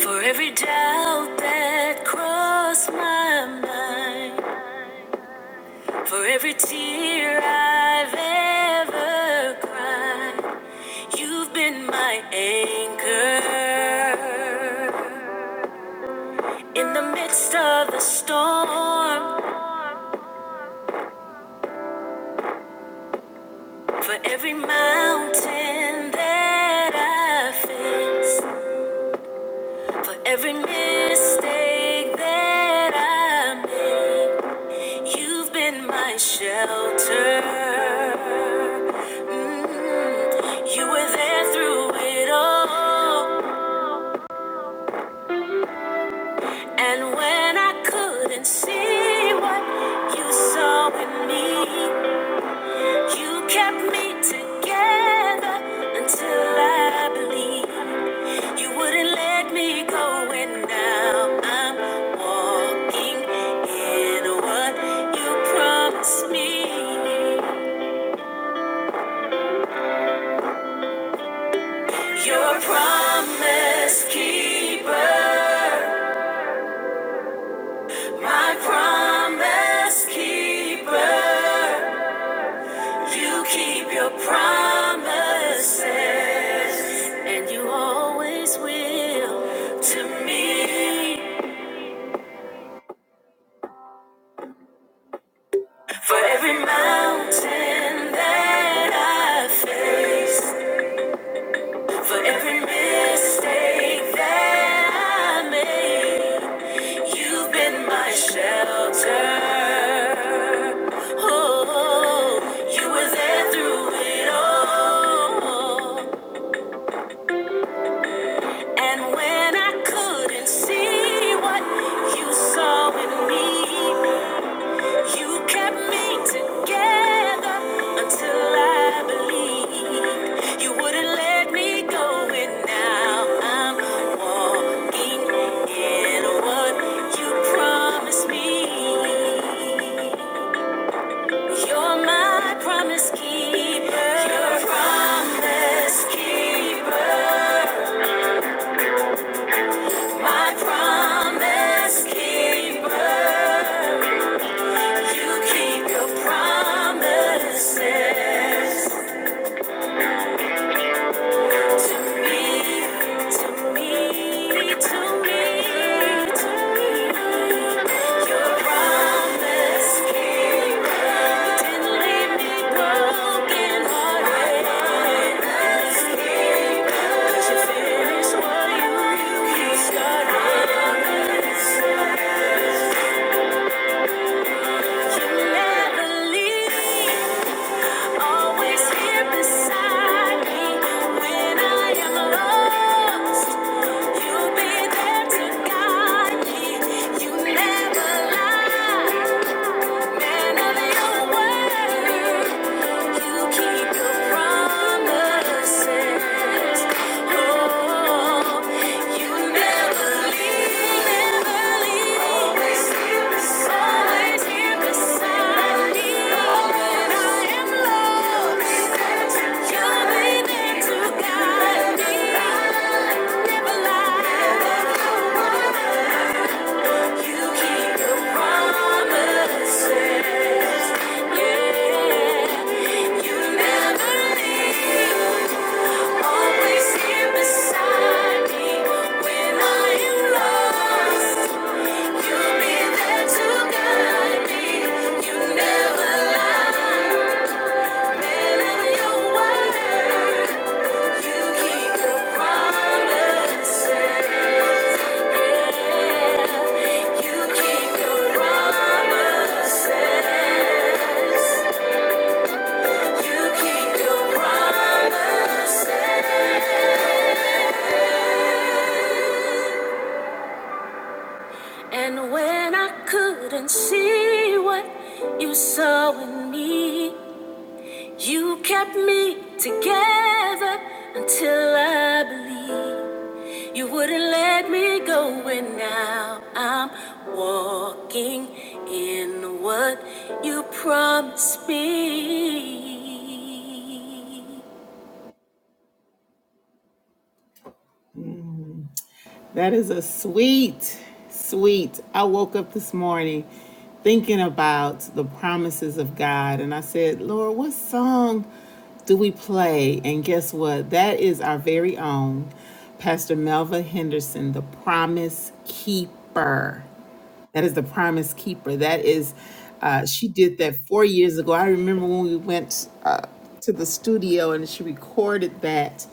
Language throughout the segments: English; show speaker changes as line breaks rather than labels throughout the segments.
For every doubt that crossed my mind, for every tear I've ever cried, you've been my anchor. In the midst of the storm, for every mountain that I face, for every mistake that I made, You've been my shelter. Mm, You were there through it all. And when I couldn't see what you saw in me, you kept me together until I believed. You wouldn't let me go, and now I'm walking in what you promised me. Your promise keeper, my promise keeper. You keep your promises, and you always will to me. For every mountain that I face, For every mistake that I made, you've been my shelter. Oh, you were there through it all. And when I couldn't see what you saw in me, You kept me together until I believed you wouldn't let me go, and now I'm walking in what you promised me. You're my promise keeper. You're a promise keeper. My promise keeper. You keep your promises. To me, to me, to me, to me, your promise keeper didn't leave me broken hearted. Promise keeper, 'cause you finished what you started. You never leave. always here beside me when I am lost. You'll be there to guide me. You never lie. Man of your word, you keep your promise. Yeah. You never leave. Always here beside me when I am lost. You'll be there to guide me. You never lie. Man of your word, you keep your promises. Yeah, you keep your promises. You keep your promises. And when I couldn't see what you saw in me, you kept me together until I believed you wouldn't let me go. And now I'm walking in what you promised me. That is a sweet, sweet. I woke up this morning thinking about the promises of God, and I said, Lord, what song do we play? And guess what? That is our very own Pastor Melva Henderson, the promise keeper. That is the promise keeper. That is, uh, she did that four years ago. I remember when we went uh, to the studio and she recorded that.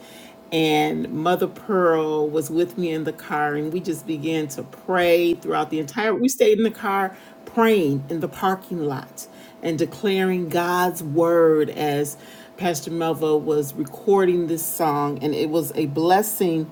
And Mother Pearl was with me in the car, and we just began to pray throughout the entire. We stayed in the car praying in the parking lot and declaring God's word as Pastor Melva was recording this song. And it was a blessing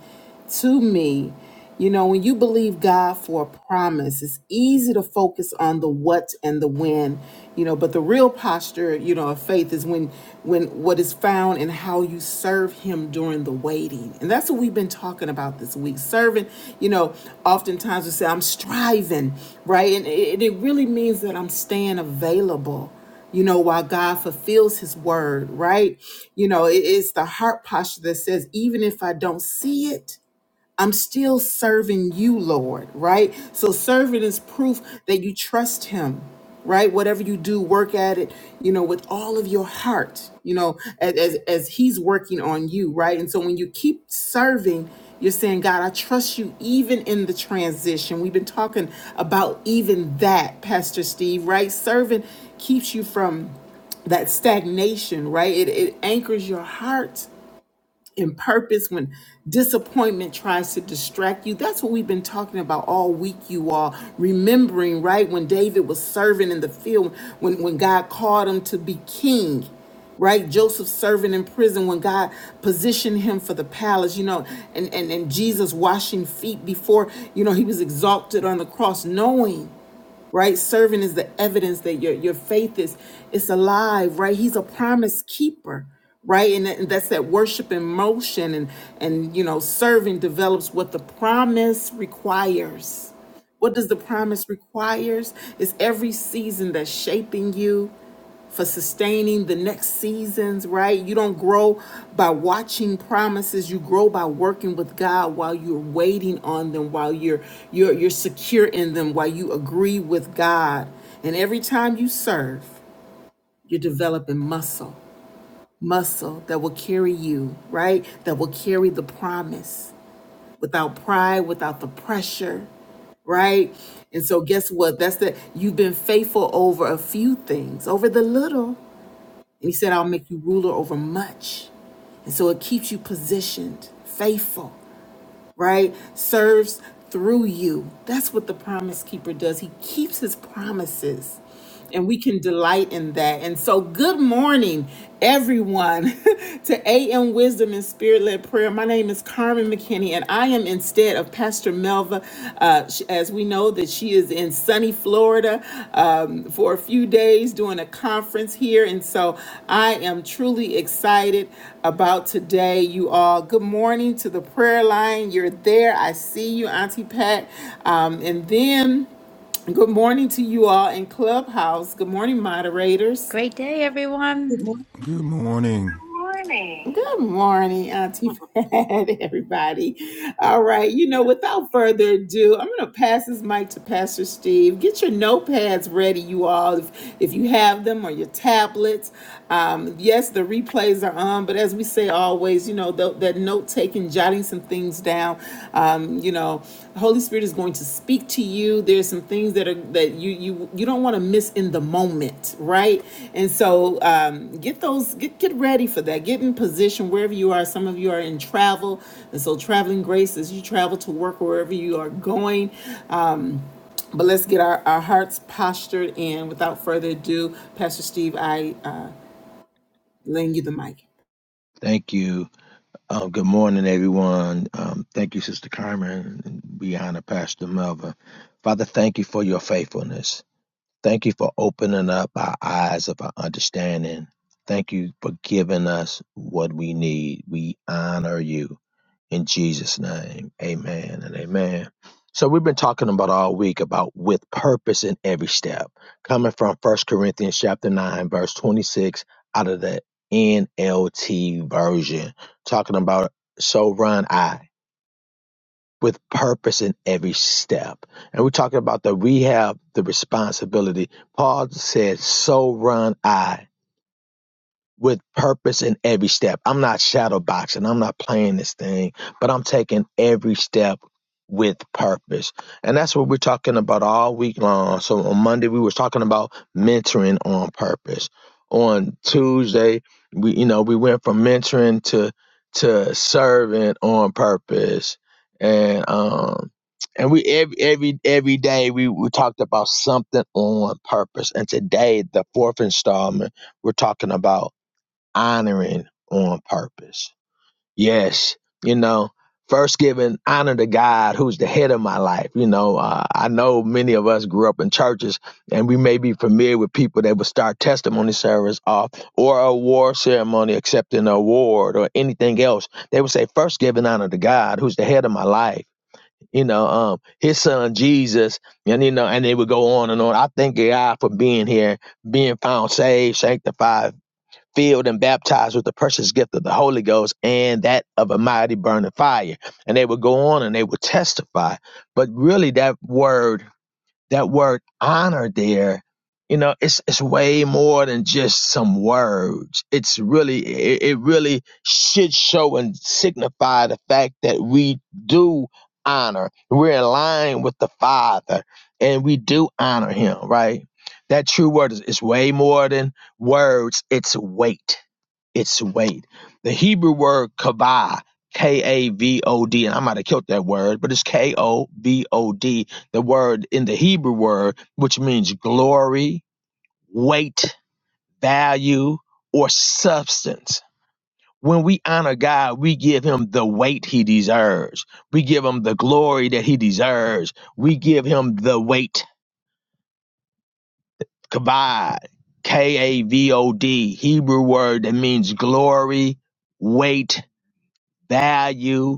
to me you know, when you believe God for a promise, it's easy to focus on the what and the when, you know, but the real posture, you know, of faith is when when what is found in how you serve him during the waiting. And that's what we've been talking about this week. Serving, you know, oftentimes we say I'm striving, right? And it, it really means that I'm staying available you know, while God fulfills his word, right? You know, it is the heart posture that says, even if I don't see it, I'm still serving you, Lord, right? So serving is proof that you trust him, right? Whatever you do, work at it, you know, with all of your heart, you know, as as, as he's working on you, right? And so when you keep serving, you're saying, God, I trust you even in the transition. We've been talking about even that, Pastor Steve, right? Serving keeps you from that stagnation, right? It, it anchors your heart and purpose, when disappointment tries to distract you. That's what we've been talking about all week, you all. Remembering, right, when David was serving in the field, when, when God called him to be king, right? Joseph serving in prison when God positioned him for the palace, you know, and, and, and Jesus washing feet before, you know, he was exalted on the cross, knowing right? Serving is the evidence that your your faith is it's alive, right? He's a promise keeper, right? And, that- and that's that worship in motion, and and you know, serving develops what the promise requires. What does the promise requires? Is every season that's shaping you for sustaining the next seasons, right? You don't grow by watching promises. You grow by working with God while you're waiting on them, while you're you're you're secure in them, while you agree with God. And every time you serve, you're developing muscle, muscle that will carry you, right? That will carry the promise without pride, without the pressure right? And so guess what? That's that you've been faithful over a few things, over the little. And he said, I'll make you ruler over much. And so it keeps you positioned, faithful, right? Serves through you. That's what the promise keeper does. He keeps his promises. And we can delight in that. And so, good morning, everyone, to AM Wisdom and Spirit Led Prayer. My name is Carmen McKinney, and I am instead of Pastor Melva. Uh, sh- as we know that she is in sunny Florida um, for a few days doing a conference here, and so I am truly excited about today. You all, good morning to the prayer line. You're there. I see you, Auntie Pat, um, and then. Good morning to you all in Clubhouse. Good morning, moderators
Great day,
Good
everyone.
morning
Good morning.
morning. Good morning, Auntie Pat, everybody. All right, you know, without further ado, I'm going to pass this mic to Pastor Steve. Get your notepads ready, you all, if, if you have them, or your tablets. Um, yes, the replays are on, but as we say always, you know, tho- that note taking, jotting some things down um, you know the holy spirit is going to speak to you there's some things that are that you you you don't want to miss in the moment right and so um, get those get get ready for that get in position wherever you are some of you are in travel and so traveling grace as you travel to work wherever you are going um, but let's get our, our hearts postured and without further ado pastor steve i uh, lend you the mic
Thank you. Uh, good morning, everyone. Um, thank you, Sister Carmen, and Brianna, Pastor Melva. Father, thank you for your faithfulness. Thank you for opening up our eyes of our understanding. Thank you for giving us what we need. We honor you. In Jesus' name, amen and amen. So we've been talking about all week about with purpose in every step, coming from First Corinthians chapter 9, verse 26 out of the NLT version, talking about so run I with purpose in every step. And we're talking about that we have the responsibility. Paul said, so run I with purpose in every step. I'm not shadow boxing. I'm not playing this thing, but I'm taking every step with purpose. And that's what we're talking about all week long. So on Monday we were talking about mentoring on purpose. On Tuesday, we you know, we went from mentoring to to serving on purpose. And um and we every every every day we, we talked about something on purpose. And today the fourth installment we're talking about honoring on purpose. Yes, you know, first giving honor to God, who's the head of my life. You know, uh, I know many of us grew up in churches, and we may be familiar with people that would start testimony service off or a award ceremony, accepting an award or anything else. They would say, first giving honor to God, who's the head of my life. You know, um, his son Jesus, and you know, and they would go on and on. I thank God for being here, being found saved, sanctified, filled and baptized with the precious gift of the Holy Ghost and that of a mighty burning fire. And they would go on and they would testify. But really, that word that word honor there, you know, it's it's way more than just some words. It's really it, it really should show and signify the fact that we do honor. We're in line with the Father and we do honor him, right? That true word is, is way more than words, it's weight its weight. The Hebrew word kavod, K A V O D, and I might have killed that word, but it's K O V O D, the word in the Hebrew word, which means glory, weight, value, or substance. When we honor God, we give him the weight he deserves. We give him the glory that he deserves. We give him the weight, kavod, K A V O D, Hebrew word that means glory, weight, value,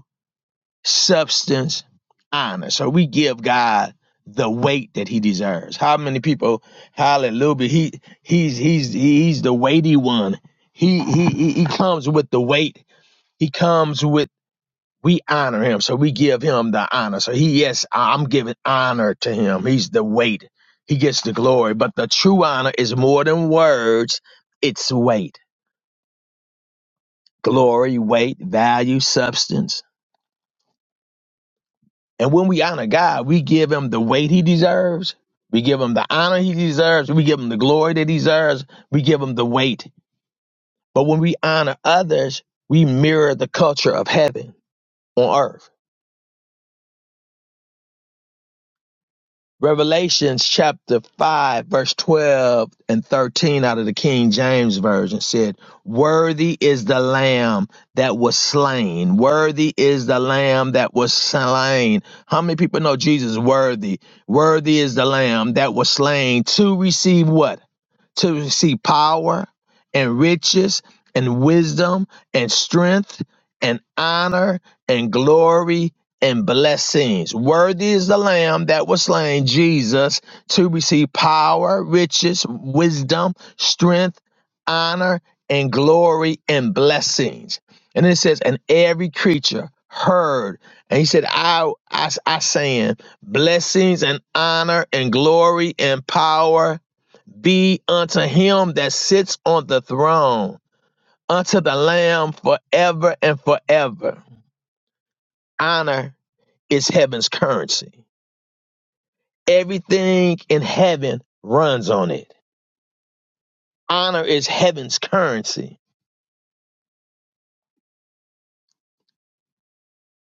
substance, honor. So we give God the weight that he deserves. How many people, hallelujah, he he's he's he's the weighty one. He he he he comes with the weight. He comes with we honor him. So we give him the honor. So he yes, I- I'm giving honor to him. He's the weight. He gets the glory. But the true honor is more than words, it's weight. Glory, weight, value, substance. And when we honor God, we give him the weight he deserves. We give him the honor he deserves. We give him the glory that he deserves. We give him the weight. But when we honor others, we mirror the culture of heaven on earth. Revelations chapter 5, verse 12 and 13 out of the King James Version said, Worthy is the lamb that was slain. Worthy is the lamb that was slain. How many people know Jesus is worthy? Worthy is the lamb that was slain to receive what? to see power and riches and wisdom and strength and honor and glory and blessings. Worthy is the Lamb that was slain, Jesus, to receive power, riches, wisdom, strength, honor, and glory and blessings. And it says, and every creature heard. And he said, I, I, I saying, blessings and honor and glory and power be unto him that sits on the throne, unto the Lamb forever and forever. Honor is heaven's currency. Everything in heaven runs on it. Honor is heaven's currency.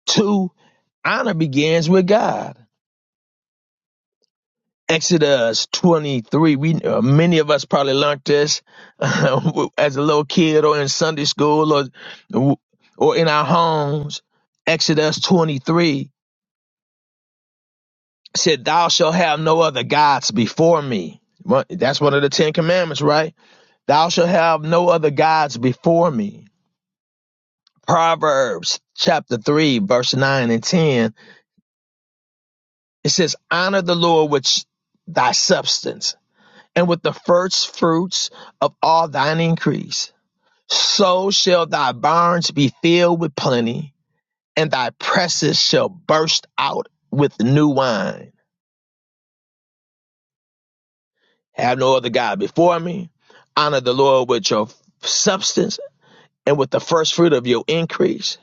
Two, honor begins with God. Exodus 23, we, uh, many of us probably learned this uh, as a little kid or in Sunday school or, or in our homes. Exodus 23 said, Thou shalt have no other gods before me. Well, That's one of the Ten Commandments, right? Thou shalt have no other gods before me. Proverbs chapter 3, verse 9 and 10. It says, Honor the Lord with thy substance and with the first fruits of all thine increase. So shall thy barns be filled with plenty, and thy presses shall burst out with new wine. Have no other God before me. Honor the Lord with your substance and with the first fruit of your increase.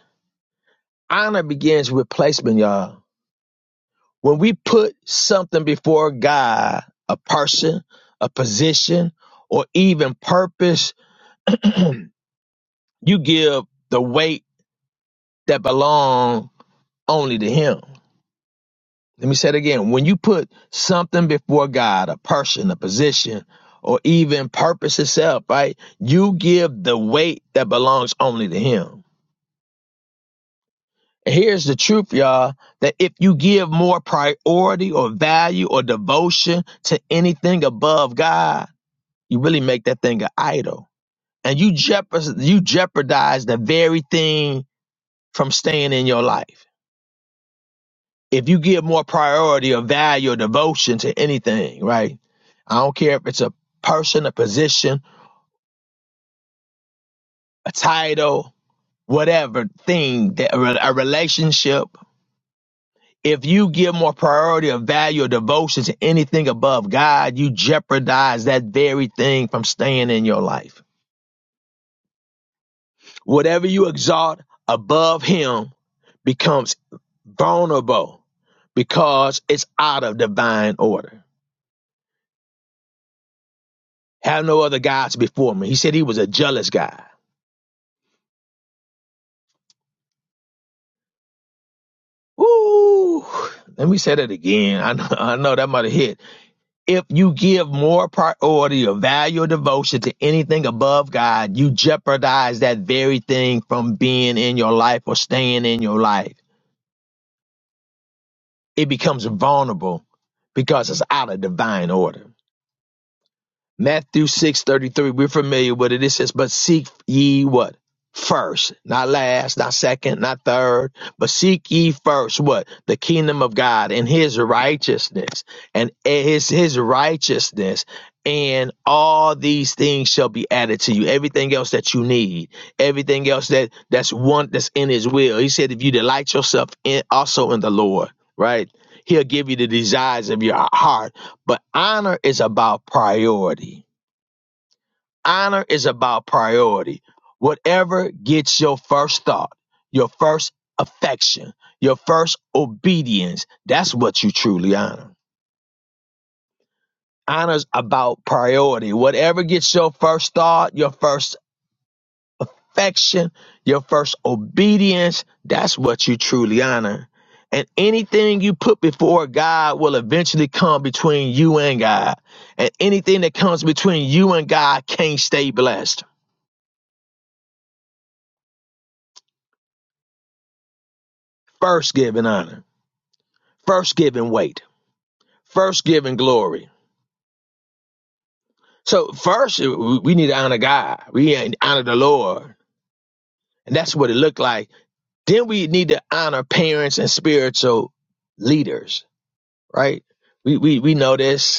Honor begins with placement, y'all. When we put something before God, a person, a position, or even purpose, you give the weight that belong only to Him. Let me say it again. When you put something before God, a person, a position, or even purpose itself, right? You give the weight that belongs only to Him. And here's the truth, y'all, that if you give more priority or value or devotion to anything above God, you really make that thing an idol. And you jeopardize, you jeopardize the very thing from staying in your life. if you give more priority or value or devotion to anything, right? I don't care if it's a person, a position, a title, whatever thing, that a relationship. If you give more priority or value or devotion to anything above God, you jeopardize that very thing from staying in your life. Whatever you exalt above Him becomes vulnerable because it's out of divine order. Have no other gods before me. He said he was a jealous guy. Woo! Let me say that again. I know, I know that might have hit. If you give more priority or value or devotion to anything above God, you jeopardize that very thing from being in your life or staying in your life. It becomes vulnerable because it's out of divine order. Matthew six thirty-three, we're familiar with it. It says, But seek ye what? First, not last, not second, not third, but seek ye first what? The kingdom of God and his righteousness. And his his righteousness. And all these things shall be added to you. Everything else that you need, everything else that that's one that's in his will. He said, if you delight yourself in also in the Lord, right? He'll give you the desires of your heart but honor is about priority. Honor is about priority. Whatever gets your first thought, your first affection, your first obedience, that's what you truly honor. Honor's about priority. Whatever gets your first thought, your first affection, your first obedience, that's what you truly honor. And anything you put before God will eventually come between you and God. And anything that comes between you and God can't stay blessed. First giving honor, first giving weight, first giving glory. So first we need to honor God. We honor the Lord. And that's what it looked like. Then we need to honor parents and spiritual leaders, right? We we we know this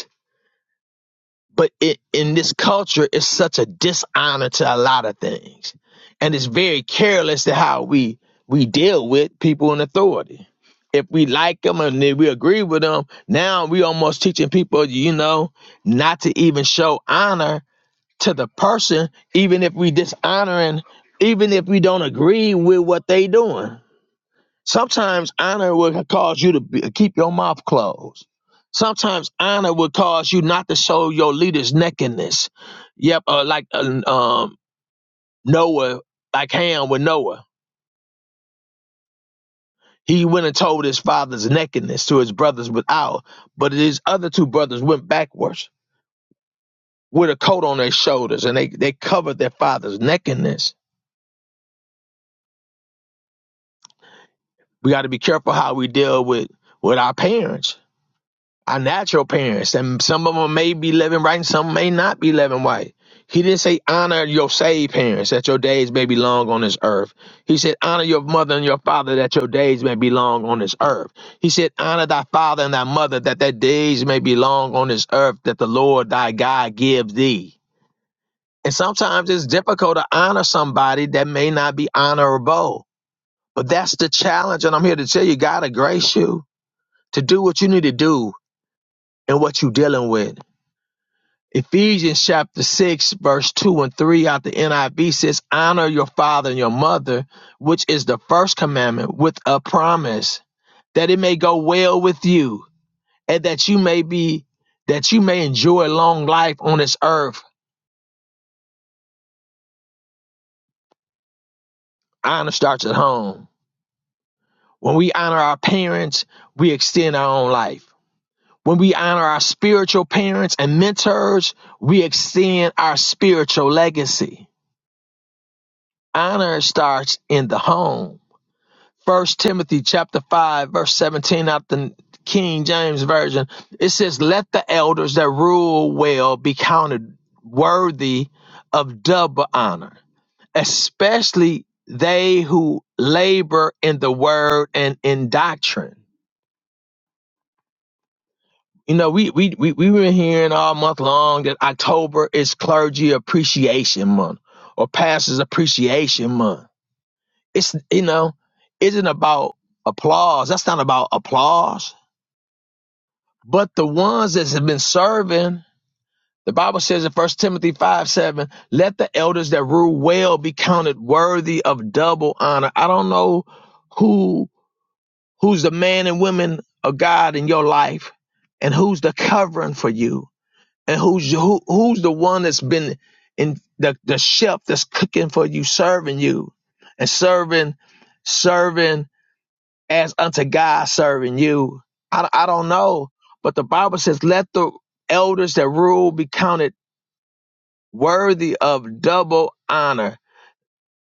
but it, in this culture, it's such a dishonor to a lot of things, and it's very careless to how we we deal with people in authority. If we like them and then we agree with them, now we almost teaching people, you know, not to even show honor to the person, even if we dishonoring, even if we don't agree with what they doing Sometimes honor will cause you to be, keep your mouth closed. Sometimes honor will cause you not to show your leader's nakedness. Yep, uh, like uh, um, Noah, like Ham with Noah. He went and told his father's nakedness to his brothers without, but his other two brothers went backwards with a coat on their shoulders and they, they covered their father's nakedness. We got to be careful how we deal with, with our parents Our natural parents, and some of them may be living right, and some may not be living right. He didn't say honor your saved parents that your days may be long on this earth. He said honor your mother and your father that your days may be long on this earth. He said honor thy father and thy mother that their days may be long on this earth that the Lord thy God gives thee. And sometimes it's difficult to honor somebody that may not be honorable. But that's the challenge. And I'm here to tell you, God will grace you to do what you need to do and what you're dealing with. Ephesians chapter 6, verse 2 and 3 out the NIV says, Honor your father and your mother, which is the first commandment, with a promise that it may go well with you and that you may be, that you may enjoy long life on this earth. Honor starts at home. When we honor our parents, we extend our own life. When we honor our spiritual parents and mentors, we extend our spiritual legacy. Honor starts in the home First Timothy chapter five, verse seventeen out the King James Version. It says, Let the elders that rule well be counted worthy of double honor, especially they who labor in the word and in doctrine. You know, we we we we have been hearing all month long that October is clergy appreciation month or pastors appreciation month. It's you know, isn't about applause. That's not about applause But the ones that have been serving, the Bible says in First Timothy 5 7, let the elders that rule well be counted worthy of double honor. I don't know who who's the man and women of God in your life and who's the covering for you and who's who, who's the one that's been in the, the chef that's cooking for you, serving you and serving, serving as unto God serving you. I, I don't know, but the Bible says, let the elders that rule be counted worthy of double honor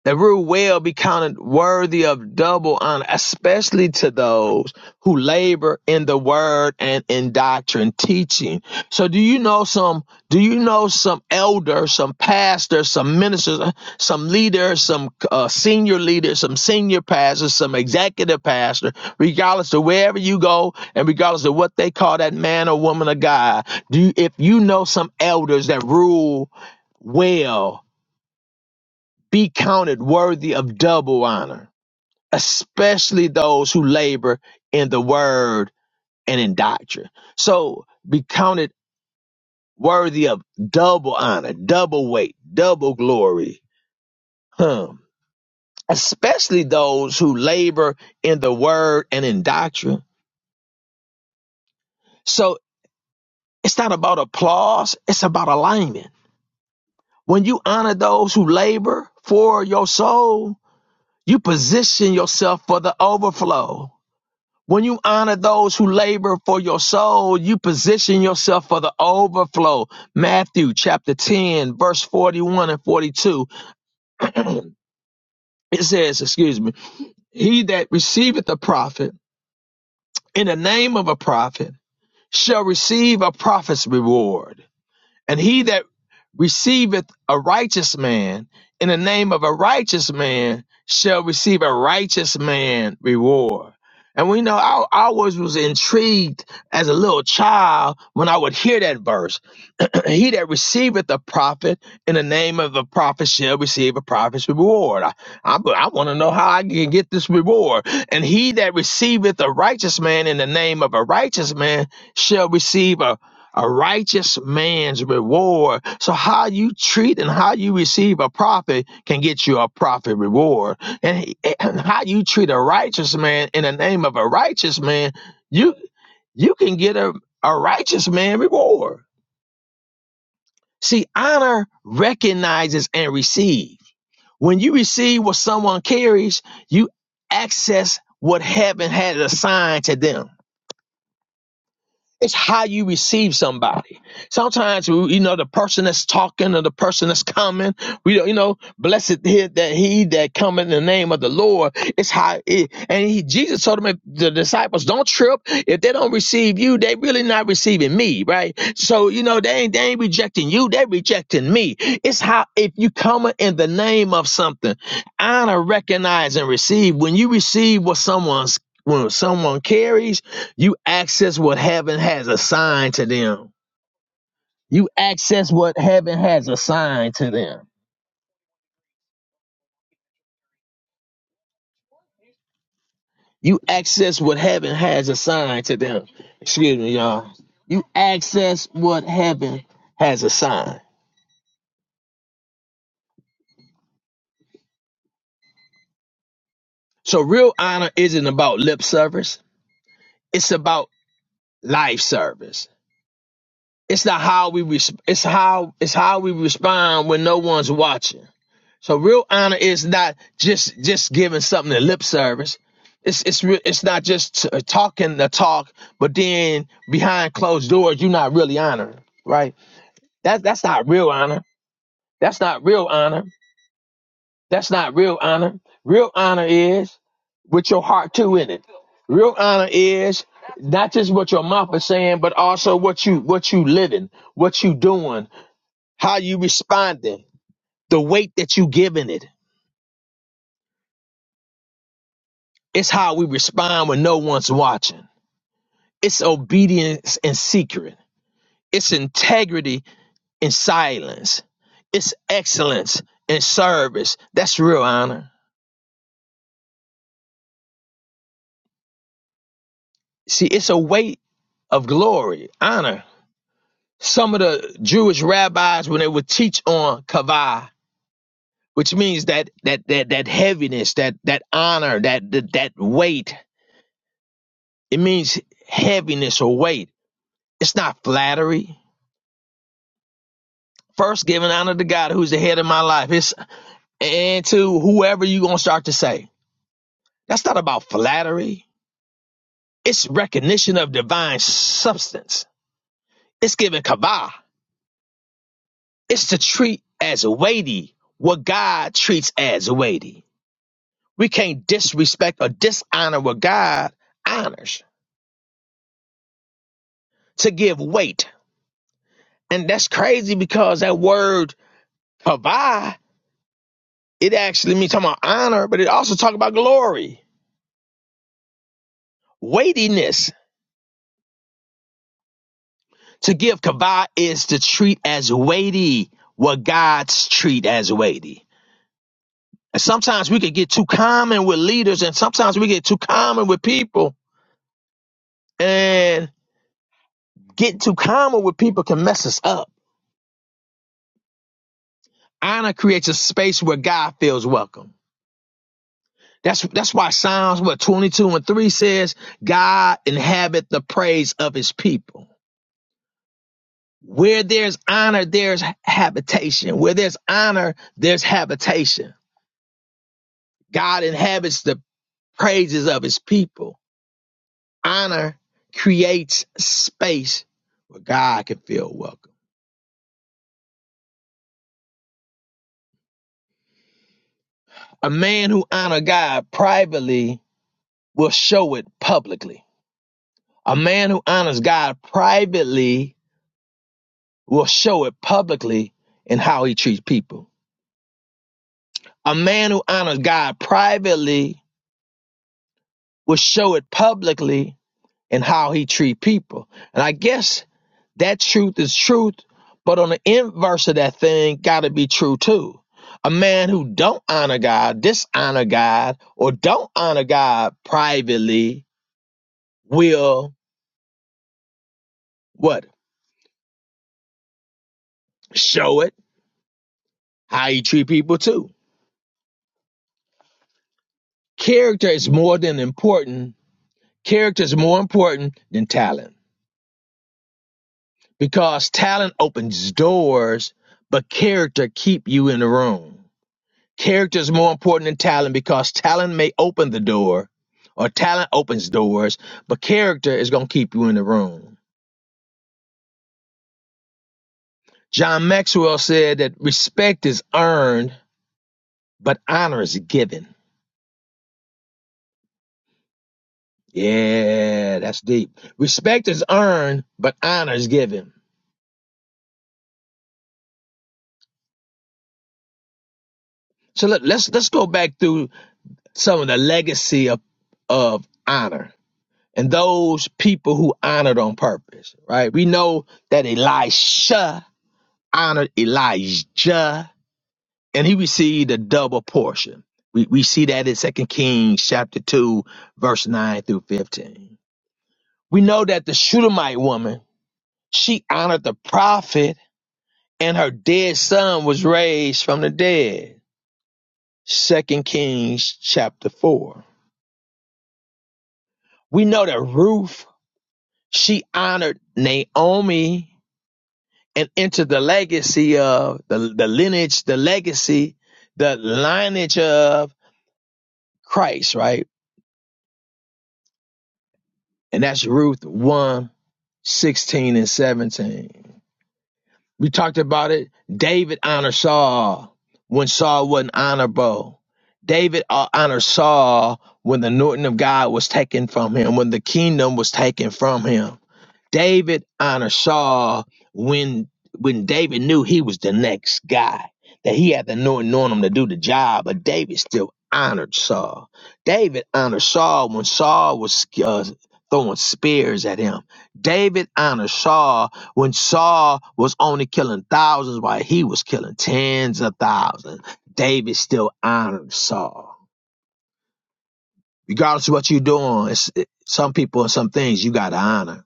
the root well be counted worthy of double honor, especially to those who labor in the word and in doctrine teaching. So do you know some, do you know some elders, some pastors, some ministers, uh, some leaders, some uh, senior leaders, some senior pastors, some executive pastor, regardless of wherever you go and regardless of what they call that man or woman or guy, do you, if you know some elders that rule well be counted worthy of double honor, especially those who labor in the word and in doctrine. So be counted worthy of double honor, double weight, double glory. Huh. Especially those who labor in the word and in doctrine. So it's not about applause, it's about alignment. When you honor those who labor for your soul, you position yourself for the overflow When you honor those who labor for your soul, you position yourself for the overflow. Matthew chapter 10, verse 41 and 42. it says, excuse me, he that receiveth a prophet in the name of a prophet shall receive a prophet's reward. And he that receiveth a righteous man in the name of a righteous man shall receive a righteous man reward. And we know I, I always was intrigued as a little child when I would hear that verse he that receiveth a prophet in the name of a prophet shall receive a prophet's reward. I, I, I want to know how I can get this reward. And he that receiveth a righteous man in the name of a righteous man shall receive a a righteous man's reward. So how you treat and how you receive a prophet can get you a prophet reward. And, he- eh, and how you treat a righteous man in the name of a righteous man, you you can get a, a righteous man reward. See, honor recognizes and receives. When you receive what someone carries, you access what heaven had assigned to them. It's how you receive somebody. Sometimes we- you know the person that's talking or the person that's coming. We don't- you know blessed he that he that come in the name of the Lord. It's how it, and he Jesus told them the disciples don't trip if they don't receive you. They really not receiving me, right? So you know they ain't they ain't rejecting you. They rejecting me. It's how if you come in the name of something, honor, recognize, and receive. When you receive what someone's when someone carries you access what heaven has assigned to them. You access what heaven has assigned to them. You access what heaven has assigned to them. Excuse me, y'all. You access what heaven has assigned. So real honor isn't about lip service. It's about life service. It's the how we res- it's how it's how we respond when no one's watching. So real honor is not just just giving something a lip service. It's it's re- it's not just t- uh, talking the talk, but then behind closed doors, you're not really honoring, right? That that's not real honor. That's not real honor. That's not real honor. Real honor is with your heart too in it. Real honor is not just what your mouth is saying, but also what you what you living, what you doing, how you responding, the weight that you giving it It's how we respond when no one's watching. It's obedience in secret. It's integrity in silence. It's excellence in service. That's real honor. See, it's a weight of glory, honor. Some of the Jewish rabbis, when they would teach on kavah, which means that that that that heaviness, that that honor, that that, that weight, it means heaviness or weight. It's not flattery. First, giving honor to God, who's the head of my life. It's and to whoever you're going to start to say. That's not about flattery. It's recognition of divine substance. It's giving kavah. It's to treat as weighty what God treats as weighty. We can't disrespect or dishonor what God honors to give weight. And that's crazy because that word kavah, it actually means talking about honor, but it also talks about glory, weightiness To give kavod is to treat as weighty what God's treat as weighty. And sometimes we can get too common with leaders, and sometimes we get too common with people, and getting too common with people can mess us up. Honor creates a space where God feels welcome. That's that's why Psalms what 22 and 3 says, God inhabit the praise of his people. Where there's honor, there's habitation. Where there's honor, there's habitation. God inhabits the praises of his people. Honor creates space where God can feel welcome. A man who honors God privately will show it publicly. A man who honors God privately will show it publicly in how he treats people. A man who honors God privately will show it publicly in how he treats people. And I guess that truth is truth, but on the inverse of that thing gotta be true too. A man who don't honor God, dishonor God, or don't honor God privately will what? Show it how you treat people too. Character is more than important. Character is more important than talent because talent opens doors, but character keep you in the room. Character is more important than talent because talent may open the door or talent opens doors, but character is going to keep you in the room. John Maxwell said that respect is earned, but honor is given. Yeah, that's deep. Respect is earned, but honor is given. So let, let's let's go back through some of the legacy of of honor and those people who honored on purpose, right? We know that Elisha honored Elijah and he received a double portion. We, we see that in Second Kings chapter 2, verse 9 through 15. We know that the Shunammite woman, she honored the prophet and her dead son was raised from the dead. Second Kings chapter 4. We know that Ruth, she honored Naomi and entered the legacy of the, the lineage, the legacy, the lineage of Christ, right? and that's Ruth one, 16 and 17. We talked about it. David honored Saul when Saul wasn't honorable. David uh, honored Saul when the anointing of God was taken from him, when the kingdom was taken from him. David honored Saul when when David knew he was the next guy, that he had the anoint- anoint him to do the job, but David still honored Saul. David honored Saul when Saul was uh, throwing spears at him. David honored Saul when Saul was only killing thousands while he was killing tens of thousands. David still honored Saul. Regardless of what you're doing, it's, it, some people and some things you got to honor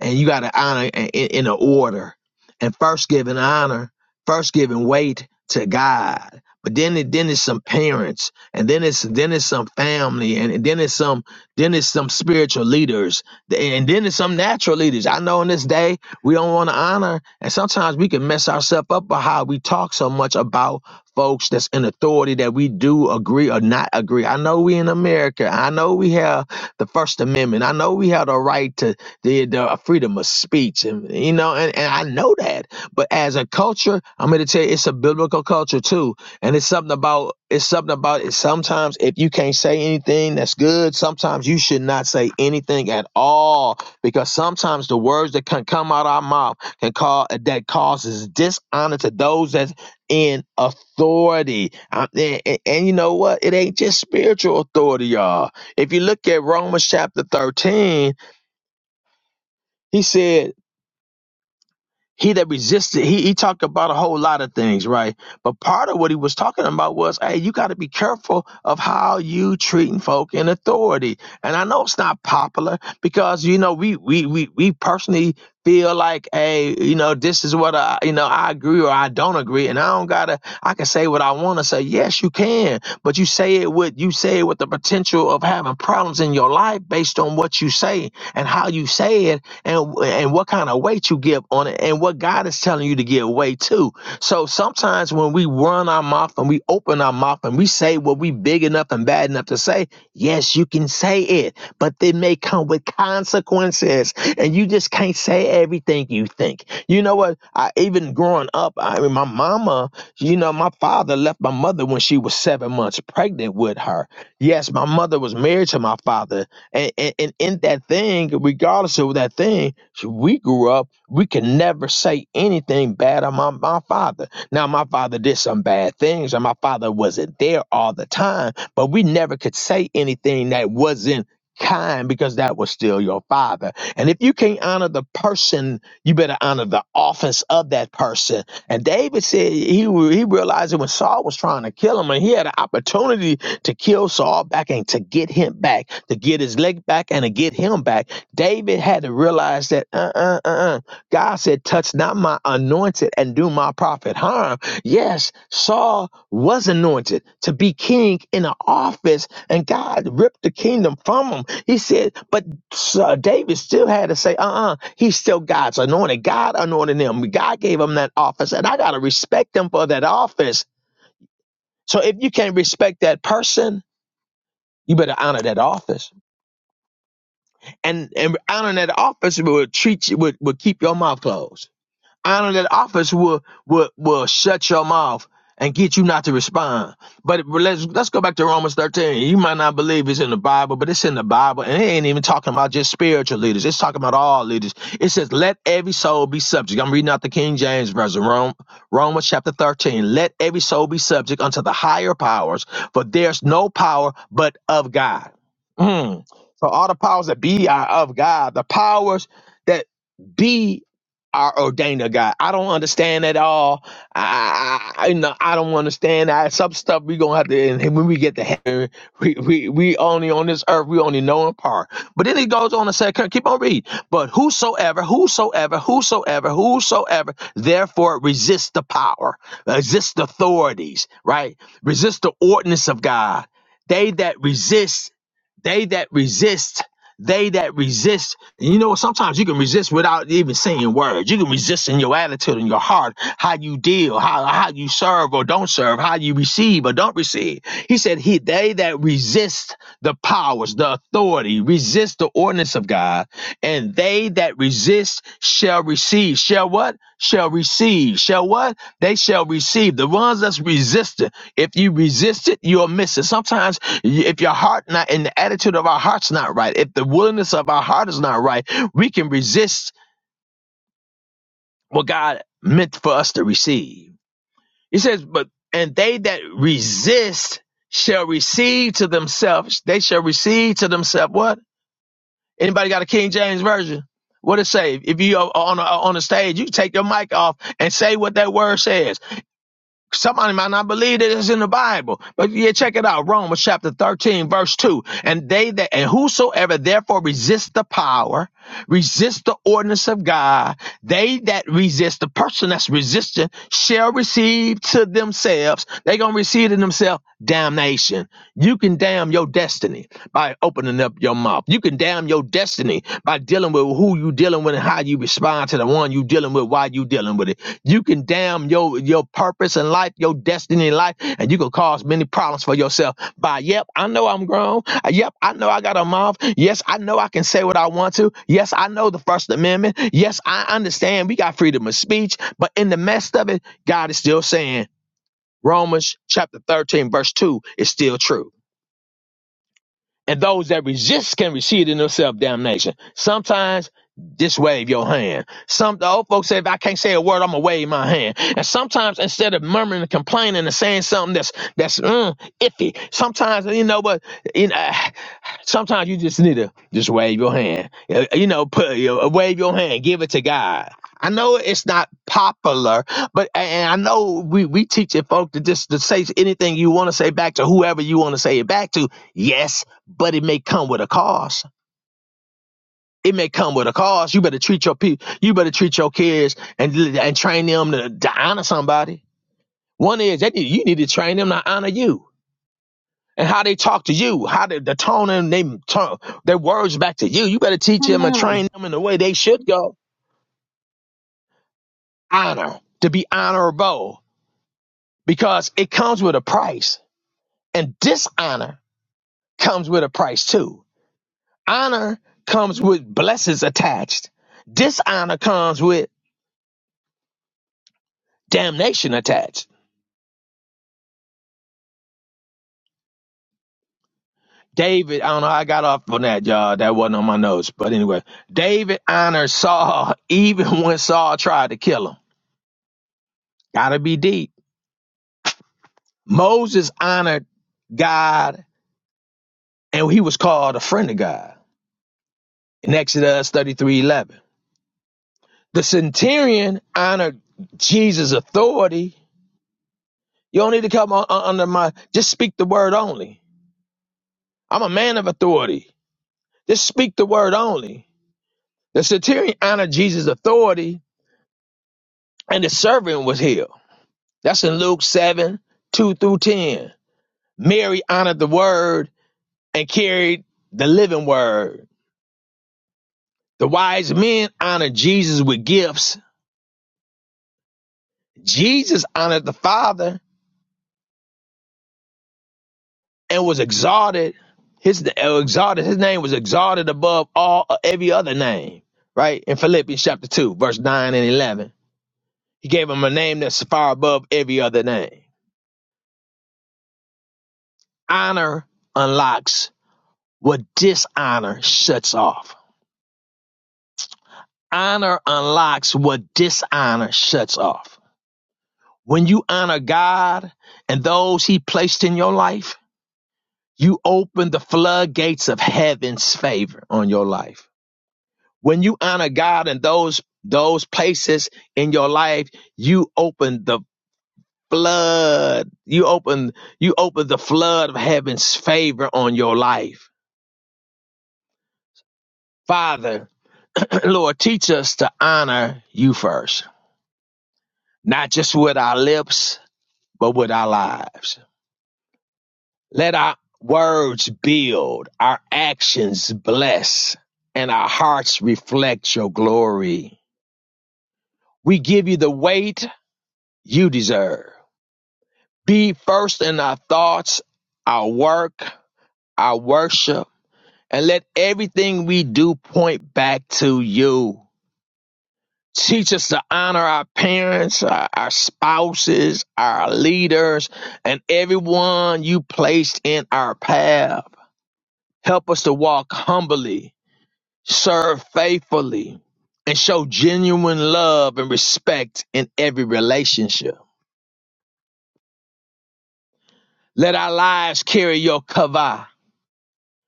and you got to honor in, in an order and first giving honor first giving weight to god but then it, then it's some parents and then it's then it's some family and then it's some then it's some spiritual leaders and then it's some natural leaders i know in this day we don't want to honor and sometimes we can mess ourselves up by how we talk so much about folks that's in authority that we do agree or not agree i know we in america i know we have the first amendment i know we have the right to the, the uh, freedom of speech and you know and, and i know that but as a culture i'm going to tell you it's a biblical culture too and it's something about it's something about it sometimes if you can't say anything that's good sometimes you should not say anything at all because sometimes the words that can come out our mouth can cause that causes dishonor to those that's in authority Uh, and, and and you know what it ain't just spiritual authority y'all if you look at romans chapter 13 he said He that resisted, he, he talked about a whole lot of things, right? But part of what he was talking about was, hey, you got to be careful of how you treating folk in authority. And I know it's not popular because you know we we we we personally feel like, hey, you know, this is what I, you know, I agree or I don't agree, and I don't gotta, I can say what I want to say. Yes, you can, but you say it with you say it with the potential of having problems in your life based on what you say and how you say it and and what kind of weight you give on it and what God is telling you to give weight to. So sometimes when we run our mouth and we open our mouth and we say what we big enough and bad enough to say, yes, you can say it, but it may come with consequences and you just can't say everything you think. You know what? I even growing up, I mean my mama, you know, my father left my mother when she was 7 months pregnant with her. Yes, my mother was married to my father and, and, and in that thing, regardless of that thing, so we grew up, we can never say anything bad on my, my father. Now, my father did some bad things, and my father wasn't there all the time, but we never could say anything that wasn't kind because that was still your father. And if you can't honor the person, you better honor the office of that person. And David said he re- he realized it when Saul was trying to kill him, and he had an opportunity to kill Saul back and to get him back, to get his leg back and to get him back. David had to realize that uh uh uh uh, God said, Touch not my anointed and do my prophet harm. Yes, Saul was anointed to be king in an office, and God ripped the kingdom from him. He said, But uh, David still had to say, Uh uh he's still God's anointed. God anointed him, God gave him that office, and I got to respect him for that office. So if you can't respect that person, you better honor that office. And and honoring that office will treat you would, would keep your mouth closed honor that office will will will shut your mouth and get you not to respond. But it- let's let's go back to Romans 13. You might not believe it's in the Bible, but it's in the Bible, and it ain't even talking about just spiritual leaders. It's talking about all leaders. It says, "Let every soul be subject." I'm reading out the King James version, Rome, Romans chapter 13. Let every soul be subject unto the higher powers, for there's no power but of God. Mm. So all the powers that be are of God. The powers that be our ordainer, God. I don't understand at all. I, I I- you know I don't understand that some stuff we gonna have to. And when we get to heaven, we we we only on this earth we only know in part. But then he goes on and say, keep keep on reading. But whosoever, whosoever, whosoever, whosoever, therefore resist the power, resist the authorities, right? Resist the ordinance of God. They that resist. They that resist, they that resist, and you know, sometimes you can resist without even saying words. You can resist in your attitude, in your heart, how you deal, how, how you serve or don't serve, how you receive or don't receive. He said, He they that resist the powers, the authority, resist the ordinance of God, and they that resist shall receive. Shall what? Shall receive. Shall what? They shall receive. The ones that's resistant. If you resist it, you'll miss it. Sometimes Y- If your heart not and the attitude of our heart's not right, if the willingness of our heart is not right, we can resist what God meant for us to receive. He says, but and they that resist shall receive to themselves, they shall receive to themselves what? Anybody got a King James version? What it say? If you are on a, on the stage, you take your mic off and say what that word says. Somebody might not believe that it's in the Bible, but yeah, check it out. Romans chapter 13, verse 2. And they that, and whosoever therefore resists the power, resist the ordinance of God, they that resist, the person that's resisting shall receive to themselves, they going to receive to themselves damnation. You can damn your destiny by opening up your mouth. You can damn your destiny by dealing with who you dealing with and how you respond to the one you dealing with, why you dealing with it. You can damn your your purpose in life, your destiny in life, and you can cause many problems for yourself by yep, I know I'm grown. Uh, Yep, I know I got a mouth. Yes, I know I can say what I want to. Yes, I know the First Amendment. Yes, I understand we got freedom of speech, but in the midst of it, God is still saying Romans chapter 13, verse 2 is still true and those that resist can receive in themselves damnation. Sometimes just wave your hand. Some the old folks say, if I can't say a word, I'm gonna wave my hand. And sometimes instead of murmuring and complaining and saying something that's that's mm, iffy, sometimes you know what, you know, sometimes you just need to just wave your hand. Uh, You know, put you know, wave your hand, give it to God. I know it's not popular, but and I know we we teach it folk to just to say anything you want to say back to whoever you want to say it back to. Yes, but it may come with a cost. It may come with a cost. You better treat your people. You better treat your kids and and train them to, to honor somebody. One is that you need to train them to honor you and how they talk to you, how they, the tone and they tone their words back to you. You better teach
come
them and
on
train them in the way they should go. Honor to be honorable because it comes with a price, and dishonor comes with a price too. Honor comes with blessings attached. Dishonor comes with damnation attached. David, I don't know, I got off on that, y'all. That wasn't on my notes. But anyway, David honored Saul even when Saul tried to kill him. Gotta be deep. Moses honored God and he was called a friend of God in Exodus thirty-three eleven. The centurion honored Jesus' authority. You don't need to come on, on- under my, just speak the word only. I'm a man of authority. Just speak the word only. The centurion honored Jesus' authority and the servant was healed. That's in Luke 7 2 through 10. Mary honored the word and carried the living word. The wise men honored Jesus with gifts. Jesus honored the Father and was exalted. His uh, exalted. His name was exalted above all uh, every other name. Right in Philippians chapter two, verse nine and eleven, he gave him a name that's far above every other name. Honor unlocks what dishonor shuts off Honor unlocks what dishonor shuts off. When you honor God and those He placed in your life, you open the floodgates of heaven's favor on your life. When you honor God and those those places in your life, you open the flood. You open you open the flood of heaven's favor on your life. Father, Lord, teach us to honor you first, not just with our lips, but with our lives. Let our words build, our actions bless, and our hearts reflect your glory. We give you the weight you deserve. Be first in our thoughts, our work, our worship, and let everything we do point back to you. Teach us to honor our parents, our, our spouses, our leaders, and everyone you placed in our path. Help us to walk humbly serve faithfully, and show genuine love and respect in every relationship. Let our lives carry your kavah,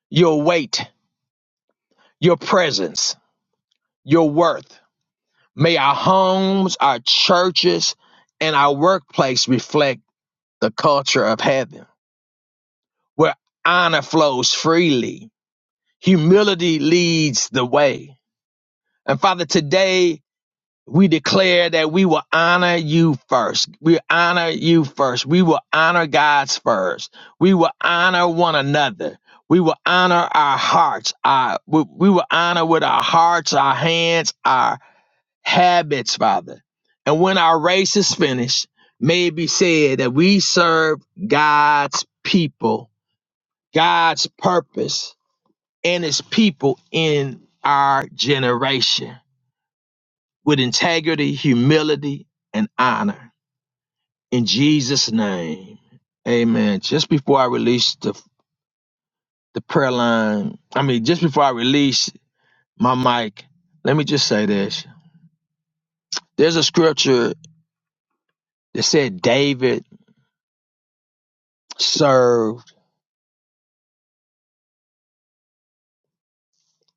your weight, your presence, your worth. May our homes, our churches, and our workplace reflect the culture of heaven, where honor flows freely, humility leads the way. And Father, today we declare that we will honor you first. We honor you first. We will honor God's first. We will honor one another. We will honor our hearts. Our, we, we will honor with our hearts, our hands, our habits, Father. And when our race is finished, may it be said that we serve God's people, God's purpose, and his people in our generation with integrity, humility, and honor. In Jesus' name, amen. Just before I release the, the prayer line, I mean, just before I release my mic, let me just say this. There's a scripture that said David served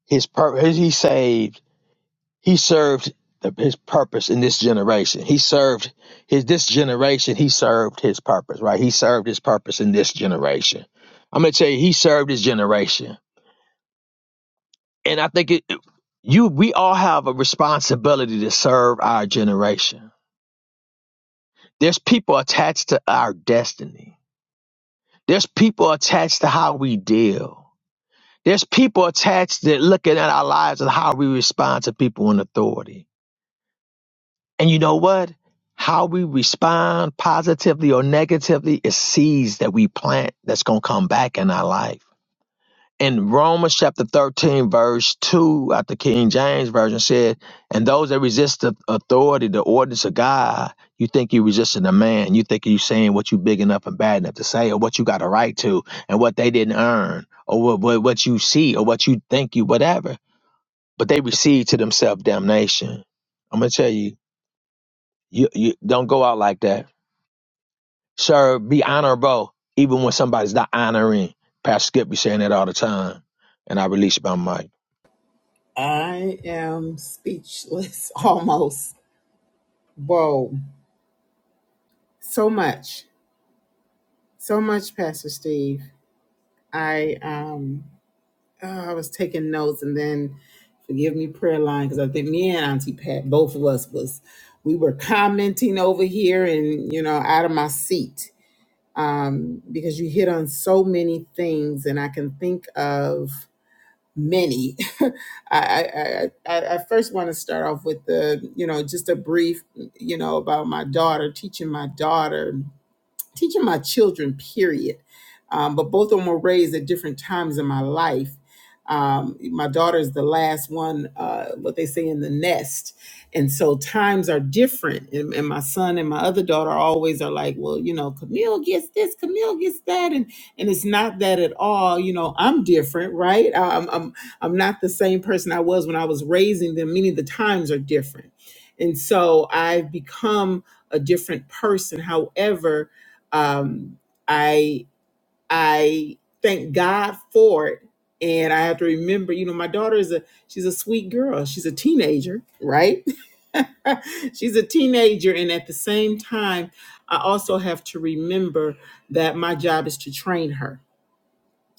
his purpose. He saved, he served the, his purpose in this generation. He served his, this generation, he served his purpose, right? He served his purpose in this generation. I'm going to tell you, he served his generation And I think it, you, we all have a responsibility to serve our generation. There's people attached to our destiny. There's people attached to how we deal. There's people attached that looking at our lives and how we respond to people in authority. And you know what? How we respond positively or negatively is seeds that we plant that's going to come back in our life. in Romans chapter 13, verse 2 out the King James Version said, And those that resist the authority, the ordinance of God, you think you're resisting a man. You think you're saying what you big enough and bad enough to say, or what you got a right to, and what they didn't earn, or what, what, what you see, or what you think you, whatever. But they receive to themselves damnation. I'm going to tell you, you, you don't go out like that. Sir, be honorable, even when somebody's not honoring. Pastor Skip be saying that all the time. And I release my mic.
i am speechless almost Whoa, so much, so much, Pastor Steve. I um, oh, I was taking notes, and then forgive me, prayer line, because I think me and Auntie Pat, both of us, was we were commenting over here, and you know, out of my seat, um, because you hit on so many things, and I can think of many. I, I, I, I I first want to start off with the, you know, just a brief, you know, about my daughter, teaching my daughter teaching my children, period. Um, but both of them were raised at different times in my life. Um, my daughter is the last one, uh, what they say in the nest. And so times are different. And, and my son and my other daughter always are like, well, you know, Camille gets this, Camille gets that. And, and it's not that at all. You know, I'm different, right? I- I'm, I'm, I'm not the same person I was when I was raising them. Many of the times are different. And so I've become a different person. However, um, I I thank God for it, and I have to remember, you know, my daughter is a she's a sweet girl. She's a teenager, right? she's a teenager, and at the same time, I also have to remember that my job is to train her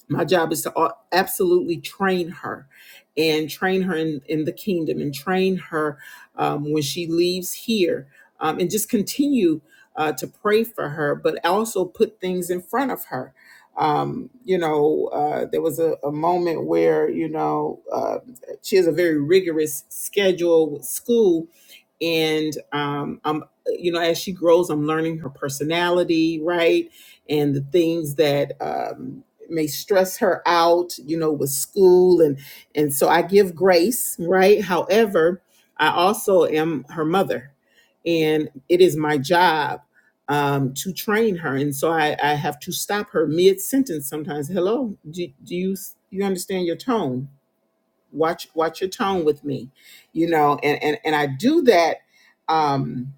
my job is to absolutely train her and train her in, in the kingdom and train her um, when she leaves here um, and just continue uh, to pray for her but also put things in front of her um, you know uh, there was a, a moment where you know uh, she has a very rigorous schedule with school and um, I'm, you know, as she grows, I'm learning her personality, right, and the things that um, may stress her out, you know, with school and and so I give grace, right? However, I also am her mother, and it is my job um, to train her, and so I, I have to stop her mid sentence sometimes. Hello, do, do you you understand your tone? Watch watch your tone with me, you know, and and and I do that. Um,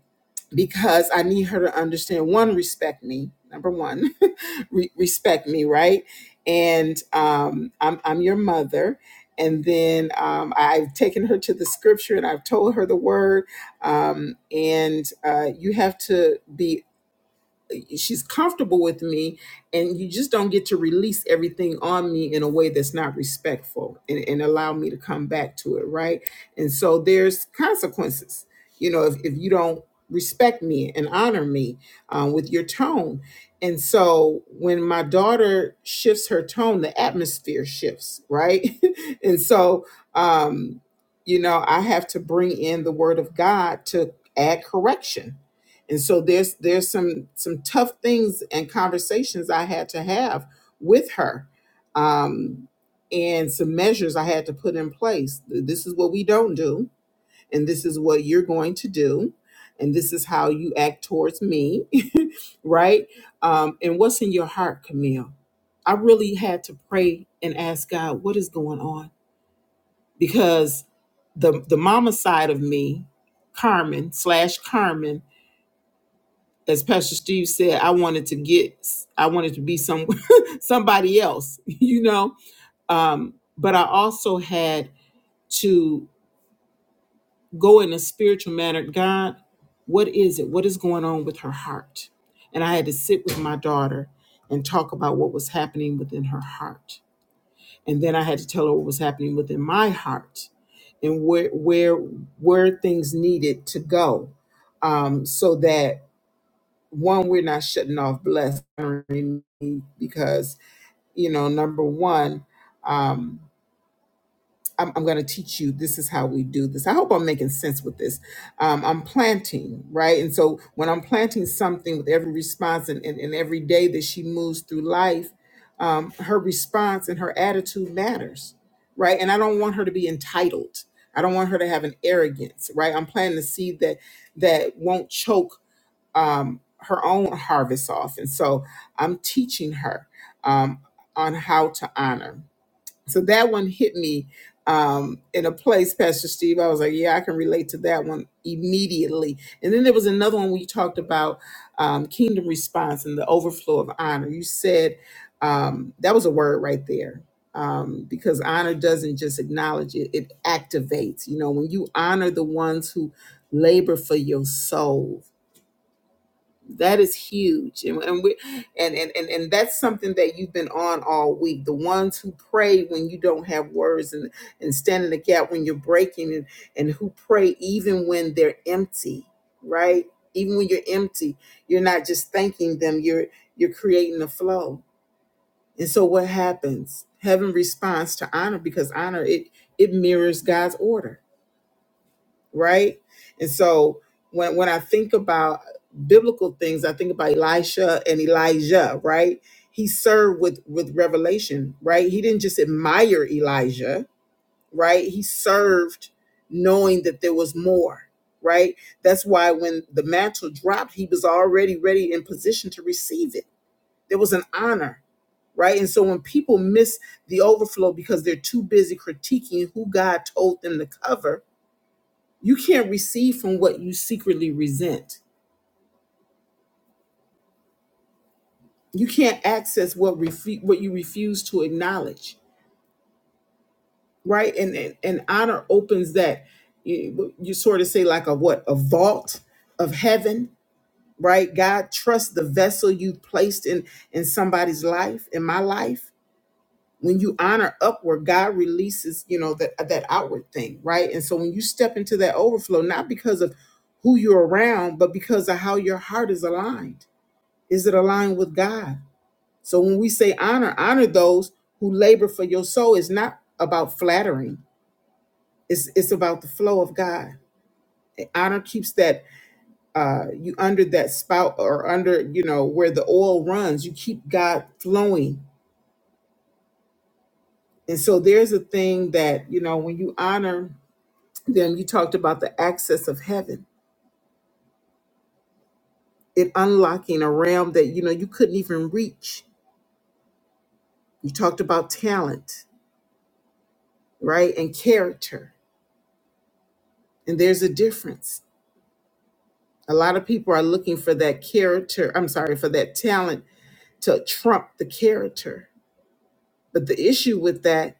because I need her to understand one, respect me. Number one, re- respect me, right? And um, I'm I'm your mother. And then um, I've taken her to the scripture and I've told her the word. Um, and uh, you have to be she's comfortable with me and you just don't get to release everything on me in a way that's not respectful and, and allow me to come back to it right and so there's consequences you know if, if you don't respect me and honor me um, with your tone and so when my daughter shifts her tone the atmosphere shifts right and so um you know i have to bring in the word of god to add correction and so there's there's some some tough things and conversations I had to have with her, um, and some measures I had to put in place. This is what we don't do, and this is what you're going to do, and this is how you act towards me, right? Um, and what's in your heart, Camille? I really had to pray and ask God what is going on because the the mama side of me, Carmen slash Carmen as Pastor Steve said, I wanted to get, I wanted to be some somebody else, you know. Um, but I also had to go in a spiritual manner. God, what is it? What is going on with her heart? And I had to sit with my daughter and talk about what was happening within her heart, and then I had to tell her what was happening within my heart, and where where where things needed to go, um, so that one, we're not shutting off blessed because, you know, number one, um, I'm, I'm going to teach you this is how we do this. I hope I'm making sense with this. Um, I'm planting, right? And so when I'm planting something with every response and, and, and every day that she moves through life, um, her response and her attitude matters, right? And I don't want her to be entitled. I don't want her to have an arrogance, right? I'm planting a seed that that won't choke um, her own harvest off. And so I'm teaching her um, on how to honor. So that one hit me um, in a place, Pastor Steve. I was like, yeah, I can relate to that one immediately. And then there was another one we talked about um, kingdom response and the overflow of honor. You said um, that was a word right there. Um, because honor doesn't just acknowledge it, it activates. You know, when you honor the ones who labor for your soul, that is huge. And, and we and, and and and that's something that you've been on all week. The ones who pray when you don't have words and, and stand in the gap when you're breaking and, and who pray even when they're empty, right? Even when you're empty, you're not just thanking them, you're you're creating a flow. And so what happens? Heaven responds to honor because honor it it mirrors God's order right? And so when when I think about biblical things, I think about Elisha and Elijah, right? He served with with revelation, right? He didn't just admire Elijah, right? He served knowing that there was more, right? That's why when the mantle dropped, he was already ready in position to receive it. There was an honor, right? And so when people miss the overflow because they're too busy critiquing who God told them to cover, you can't receive from what you secretly resent. You can't access what refu- what you refuse to acknowledge, right? And and, and honor opens that you, you sort of say like a what a vault of heaven, right? God trusts the vessel you placed in in somebody's life, in my life. When you honor upward, God releases you know that that outward thing, right? And so when you step into that overflow, not because of who you're around, but because of how your heart is aligned Is it aligned with God? So when we say honor, honor those who labor for your soul. It's not about flattering. It's it's about the flow of God. Honor keeps that uh you under that spout or under, you know, where the oil runs. You keep God flowing. And so there's a thing that, you know, when you honor them, you talked about the access of heaven, it unlocking a realm that, you know, you couldn't even reach. You talked about talent, right? And character. And there's a difference A lot of people are looking for that character, I'm sorry, for that talent to trump the character. But the issue with that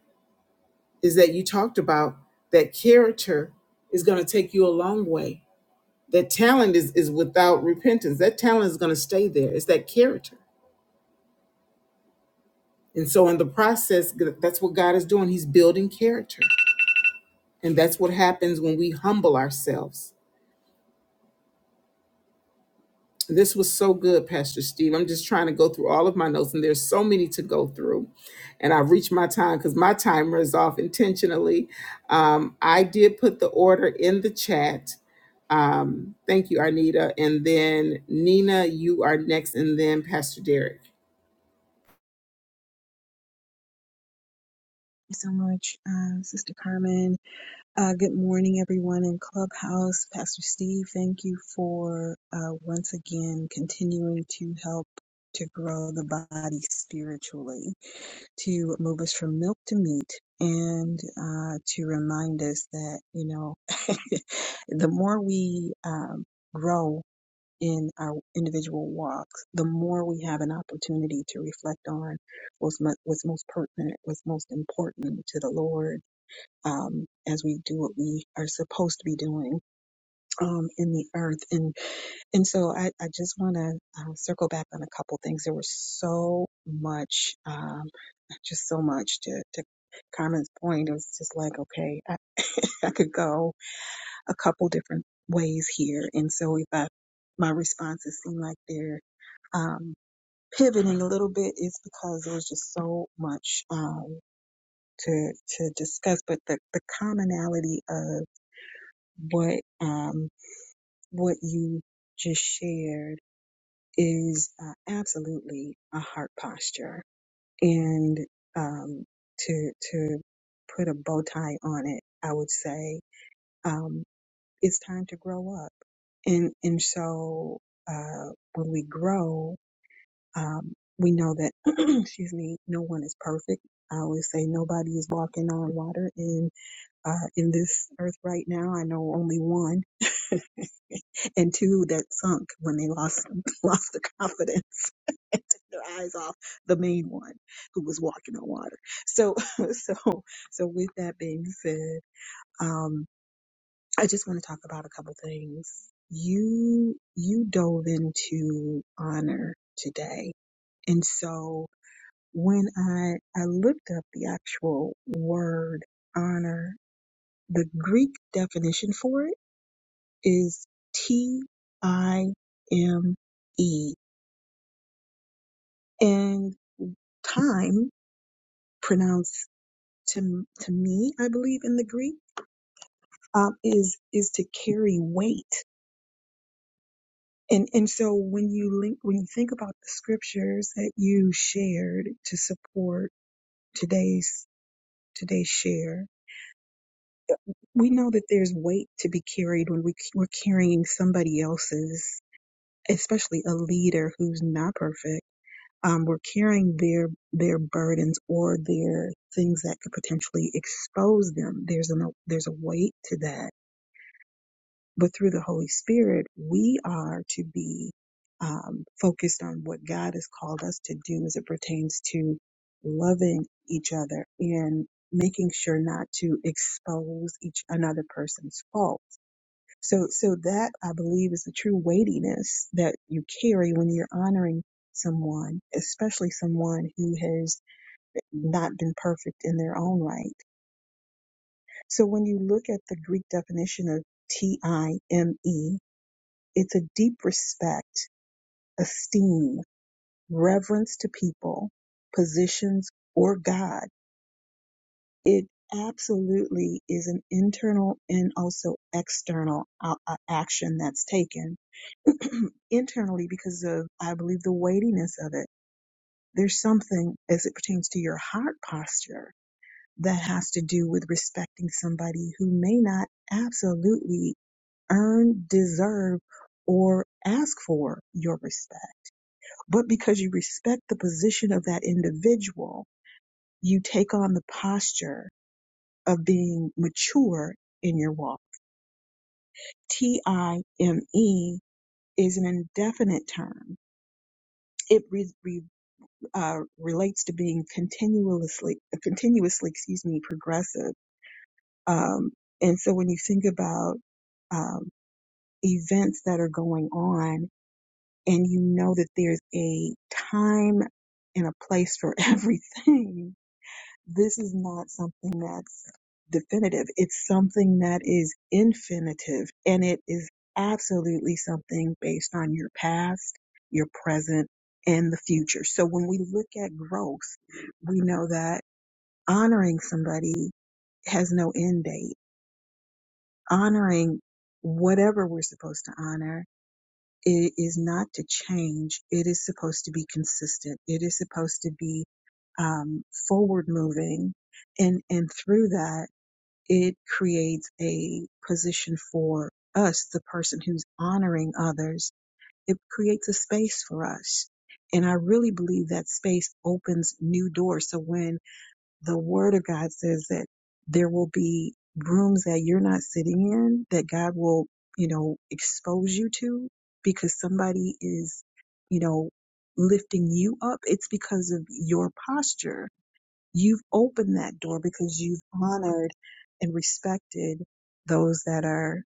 is that you talked about that character is going to take you a long way. That talent is, is without repentance. That talent is going to stay there. It's that character. And so, in the process, that's what God is doing. He's building character. And that's what happens when we humble ourselves. This was so good, Pastor Steve. I'm just trying to go through all of my notes, and there's so many to go through. And I've reached my time because my timer is off intentionally. Um, I did put the order in the chat. Um, thank you, Arnita. And then Nina, you are next, and then Pastor Derek.
so much, uh, Sister Carmen. Uh, good morning, everyone in Clubhouse. Pastor Steve, thank you for uh, once again continuing to help to grow the body spiritually, to move us from milk to meat, and uh, to remind us that, you know, the more we um, grow in our individual walks, the more we have an opportunity to reflect on what's, mo- what's most pertinent, what's most important to the Lord um, as we do what we are supposed to be doing um, in the earth. And and so I, I just want to uh, circle back on a couple things. There was so much, um, just so much to, to Carmen's point. It was just like, okay, I, I could go a couple different ways here. And so if I, my responses seem like they're um, pivoting a little bit is because there was just so much um, to to discuss, but the, the commonality of what um, what you just shared is uh, absolutely a heart posture, and um, to to put a bow tie on it, I would say um, it's time to grow up, and and so uh, when we grow. Um, we know that, excuse me, no one is perfect. I always say nobody is walking on water in uh, in this earth right now. I know only one and two that sunk when they lost lost the confidence and took their eyes off the main one who was walking on water. So so so with that being said, um, I just want to talk about a couple things. You you dove into honor today, and so. when I, I looked up the actual word honor, the Greek definition for it is T I M E. And time, pronounced to, to me, I believe in the Greek, um, is, is to carry weight. And, and so when you link, when you think about the scriptures that you shared to support today's, today's share, we know that there's weight to be carried when we, we're carrying somebody else's, especially a leader who's not perfect. Um, we're carrying their their burdens or their things that could potentially expose them. There's an there's a weight to that. But through the Holy Spirit, we are to be um, focused on what God has called us to do as it pertains to loving each other and making sure not to expose each another person's fault so, so that I believe is the true weightiness that you carry when you're honoring someone, especially someone who has not been perfect in their own right. So when you look at the Greek definition of T-I-M-E, it's a deep respect, esteem, reverence to people, positions, or God. It absolutely is an internal and also external uh, uh, action that's taken internally because of, I believe, the weightiness of it. There's something as it pertains to your heart posture that has to do with respecting somebody who may not absolutely earn, deserve, or ask for your respect. But because you respect the position of that individual, you take on the posture of being mature in your walk. T I M E is an indefinite term. It re. uh, relates to being continuously, continuously, excuse me, progressive. Um, and so when you think about um, events that are going on, and you know that there's a time and a place for everything, this is not something that's definitive. It's something that is infinitive and it is absolutely something based on your past, your present, and the future. So when we look at growth, we know that honoring somebody has no end date. Honoring whatever we're supposed to honor it is not to change. It is supposed to be consistent. It is supposed to be um, forward moving. And, and through that, it creates a position for us, the person who's honoring others. It creates a space for us. And I really believe that space opens new doors. So when the word of God says that there will be rooms that you're not sitting in that God will, you know, expose you to because somebody is, you know, lifting you up. It's because of your posture. You've opened that door because you've honored and respected those that are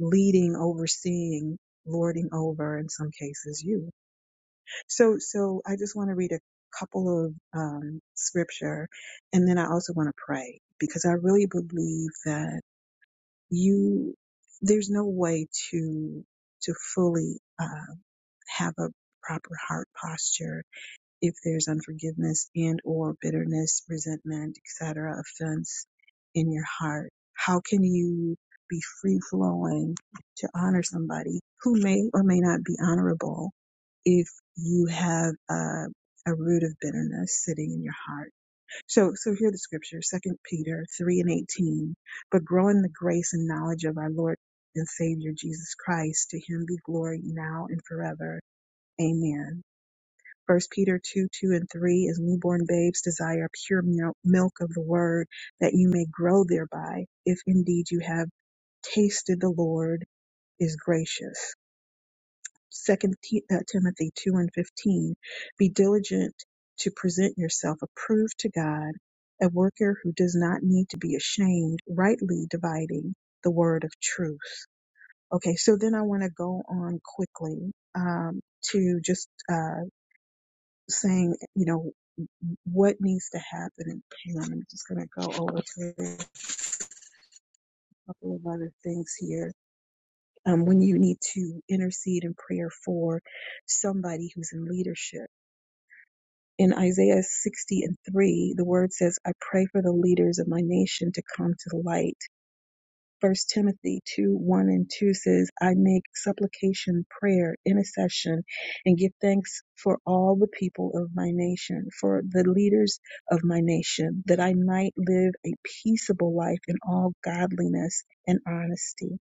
leading, overseeing, lording over, in some cases, you. So, so I just want to read a couple of um, scripture, and then I also want to pray because I really believe that you there's no way to to fully uh, have a proper heart posture if there's unforgiveness and or bitterness, resentment, etc., offense in your heart, how can you be free flowing to honor somebody who may or may not be honorable if you have a, a root of bitterness sitting in your heart. So, so hear the scripture, Second Peter 3 and 18. But grow in the grace and knowledge of our Lord and Savior Jesus Christ. To him be glory now and forever. Amen. First Peter 2, 2 and 3 is newborn babes desire pure mil- milk of the word that you may grow thereby, if indeed you have tasted the Lord is gracious. Second Ti- uh, Timothy 2 and 15, be diligent to present yourself approved to God, a worker who does not need to be ashamed, rightly dividing the word of truth. Okay, so then I want to go on quickly um, to just uh, saying, you know, what needs to happen in Pam. I'm just going to go over to a couple of other things here. Um, when you need to intercede in prayer for somebody who's in leadership. In Isaiah 60 and 3, the word says, I pray for the leaders of my nation to come to the light First Timothy 2, 1 and 2 says, I make supplication, prayer, intercession, and give thanks for all the people of my nation, for the leaders of my nation, that I might live a peaceable life in all godliness and honesty.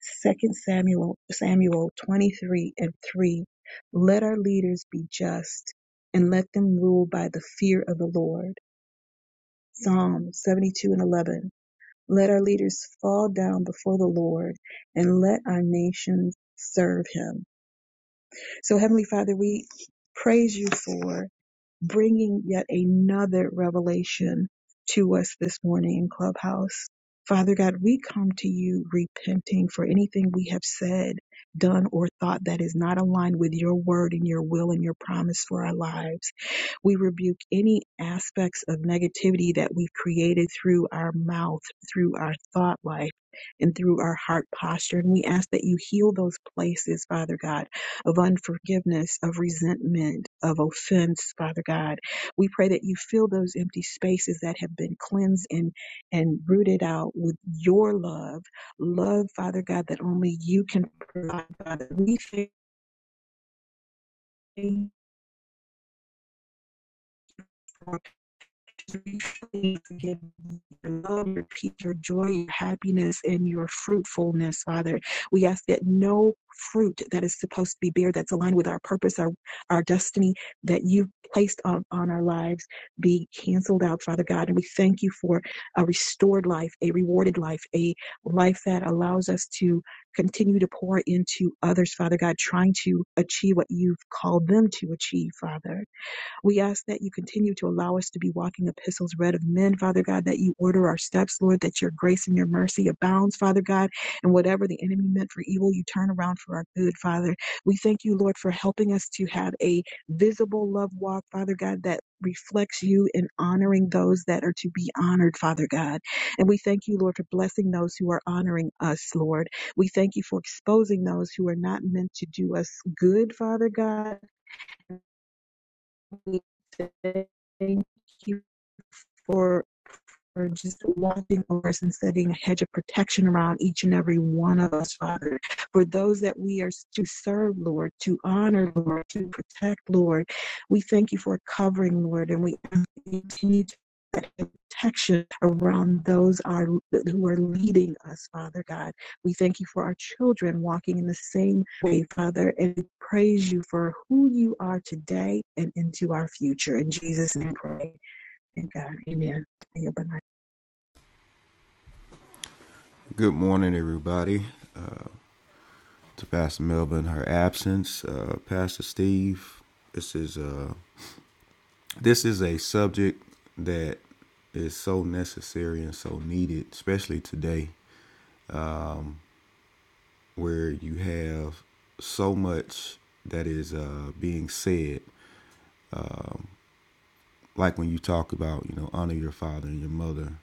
Second Samuel Samuel 23 and 3. Let our leaders be just and let them rule by the fear of the Lord. Psalm 72 and 11 let our leaders fall down before the Lord and let our nations serve him. So, Heavenly Father, we praise you for bringing yet another revelation to us this morning in Clubhouse. Father God, we come to you repenting for anything we have said, done, or thought that is not aligned with your word and your will and your promise for our lives. We rebuke any aspects of negativity that we've created through our mouth, through our thought life, and through our heart posture. And we ask that you heal those places, Father God of unforgiveness, of resentment, of offense, Father God. We pray that you fill those empty spaces that have been cleansed and, and rooted out with your love. Love, Father God, that only you can provide, Father. We thank you. for your love, your peace, your joy, your happiness, and your fruitfulness, Father. We ask that no fruit that is supposed to be bare that's aligned with our purpose, our, our destiny that you've placed on, on our lives be canceled out, Father God. And we thank you for a restored life, a rewarded life, a life that allows us to continue to pour into others, Father God, trying to achieve what you've called them to achieve, Father. We ask that you continue to allow us to be walking epistles read of men, Father God, that you order our steps, Lord, that your grace and your mercy abounds, Father God, and whatever the enemy meant for evil, you turn around for our good, Father. We thank you, Lord, for helping us to have a visible love walk, Father God, that reflects you in honoring those that are to be honored, Father God. And we thank you, Lord, for blessing those who are honoring us, Lord. We thank you for exposing those who are not meant to do us good, Father God we thank you for for just walking over us and setting a hedge of protection around each and every one of us, Father. For those that we are to serve, Lord, to honor, Lord, to protect, Lord, we thank you for covering, Lord, and we continue to put protection around those are who are leading us, Father God. We thank you for our children walking in the same way, Father, and we praise you for who you are today and into our future. In Jesus' name, pray. Thank God. Amen.
Good morning, everybody. To Pastor Melvin, her absence, uh, Pastor Steve. This is uh, this is a subject that is so necessary and so needed, especially today, where you have so much that is uh, being said. Like when you talk about, you know, honor your father and your mother,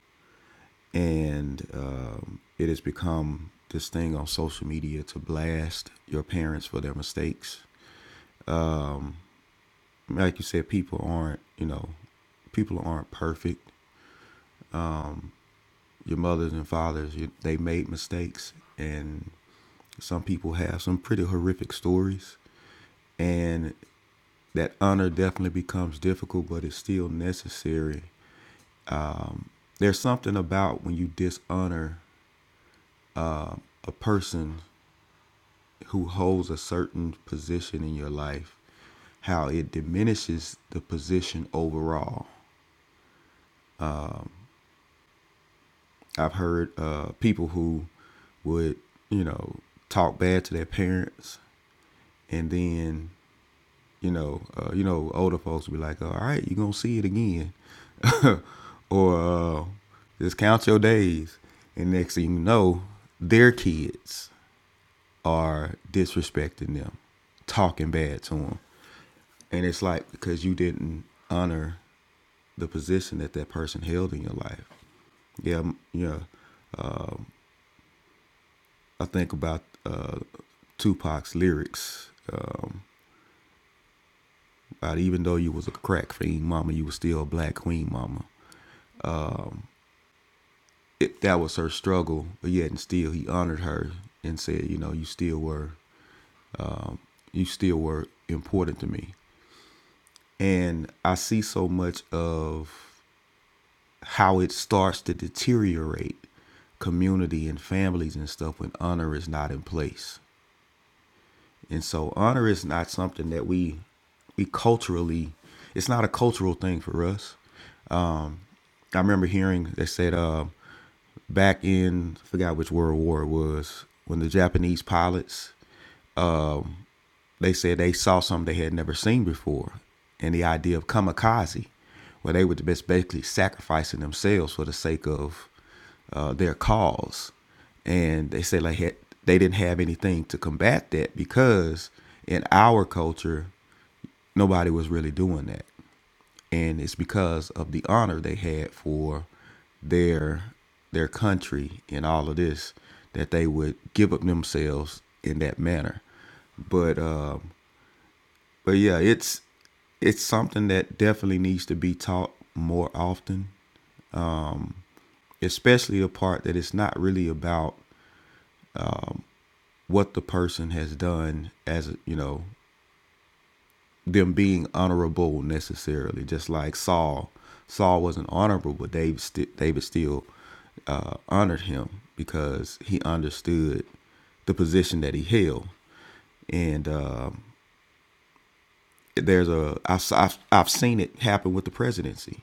and um, it has become this thing on social media to blast your parents for their mistakes like you said, people aren't you know, people aren't perfect. Your mothers and fathers, you, they made mistakes, and some people have some pretty horrific stories, and that honor definitely becomes difficult, but it's still necessary. There's something about when you dishonor a person who holds a certain position in your life, how it diminishes the position overall. I've heard uh, people who would, you know, talk bad to their parents, and then, you know, uh, you know, older folks would be like, "All right, you're gonna see it again," or uh, just count your days. And next thing you know, their kids are disrespecting them, talking bad to them, and it's like because you didn't honor the position that that person held in your life. Yeah, yeah. I think about uh, Tupac's lyrics. Uh, about even though you was a crack fiend, mama, you was still a black queen, mama. It, that was her struggle, but yet and still he honored her and said, you know, you still were, you still were important to me. And I see so much of how it starts to deteriorate community and families and stuff when honor is not in place. And so honor is not something that we we culturally it's not a cultural thing for us. I remember hearing they said uh, back in I forgot which World War it was when the Japanese pilots they said they saw something they had never seen before, and the idea of kamikaze, where they were just basically sacrificing themselves for the sake of uh, their cause, and they said like had, they didn't have anything to combat that because in our culture nobody was really doing that and it's because of the honor they had for their their country and all of this that they would give up themselves in that manner but uh but yeah it's it's something that definitely needs to be taught more often especially the part that it's not really about what the person has done as a- you know them being honorable necessarily. Just like Saul, Saul wasn't honorable, but David st- David still uh, honored him because he understood the position that he held. And um there's a I've, I've I've seen it happen with the presidency.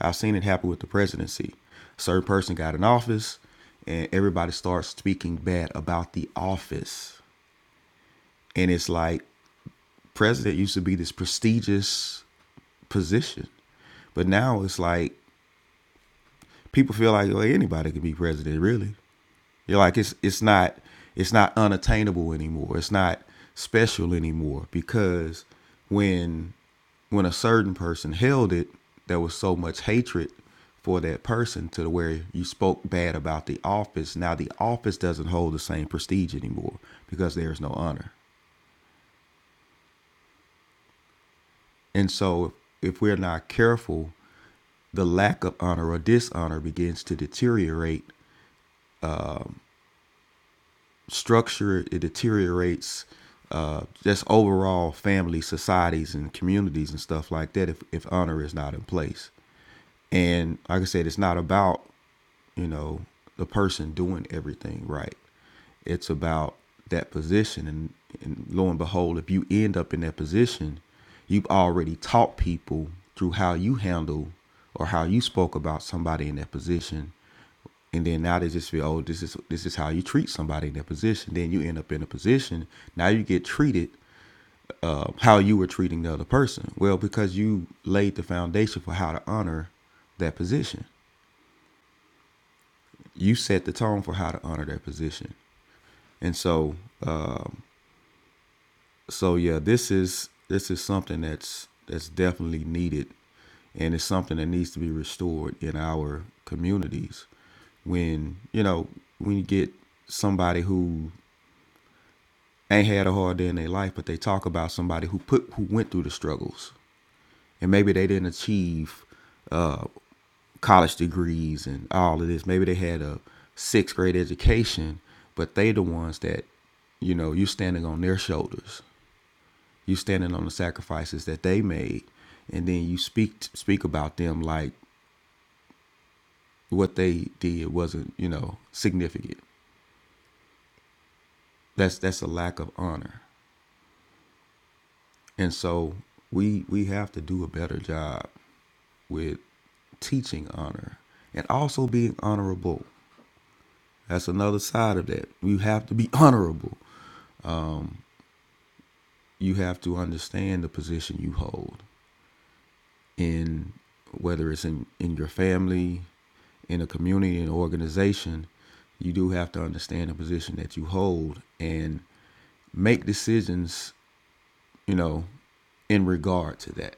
I've seen it happen with the presidency. A Certain person got in office, and everybody starts speaking bad about the office. And it's like president used to be this prestigious position. But now it's like people feel like well, anybody can be president. Really, you're like it's it's not it's not unattainable anymore. It's not special anymore because when when a certain person held it, there was so much hatred for that person to where you spoke bad about the office. Now the office doesn't hold the same prestige anymore because there is no honor. And so if we're not careful, the lack of honor or dishonor begins to deteriorate structure it deteriorates uh, just overall family societies and communities and stuff like that if, if honor is not in place and like i said it's not about you know the person doing everything right it's about that position and, and lo and behold if you end up in that position you've already taught people through how you handle or how you spoke about somebody in that position and then now they just feel, oh, this is this is how you treat somebody in that position. Then you end up in a position. Now you get treated uh, how you were treating the other person. Well, because you laid the foundation for how to honor that position. You set the tone for how to honor that position. And so, uh, so yeah, this is this is something that's that's definitely needed, and it's something that needs to be restored in our communities. When you know when you get somebody who ain't had a hard day in their life, but they talk about somebody who put who went through the struggles, and maybe they didn't achieve uh, college degrees and all of this. Maybe they had a sixth grade education, but they the ones that, you know, you standing on their shoulders. You standing on the sacrifices that they made, and then you speak speak about them like what they did wasn't, you know, significant. That's that's a lack of honor, and so we we have to do a better job with teaching honor and also being honorable. That's another side of that. You have to be honorable. You have to understand the position you hold in whether it's in, in your family, in a community, an organization, you do have to understand the position that you hold and make decisions, you know, in regard to that.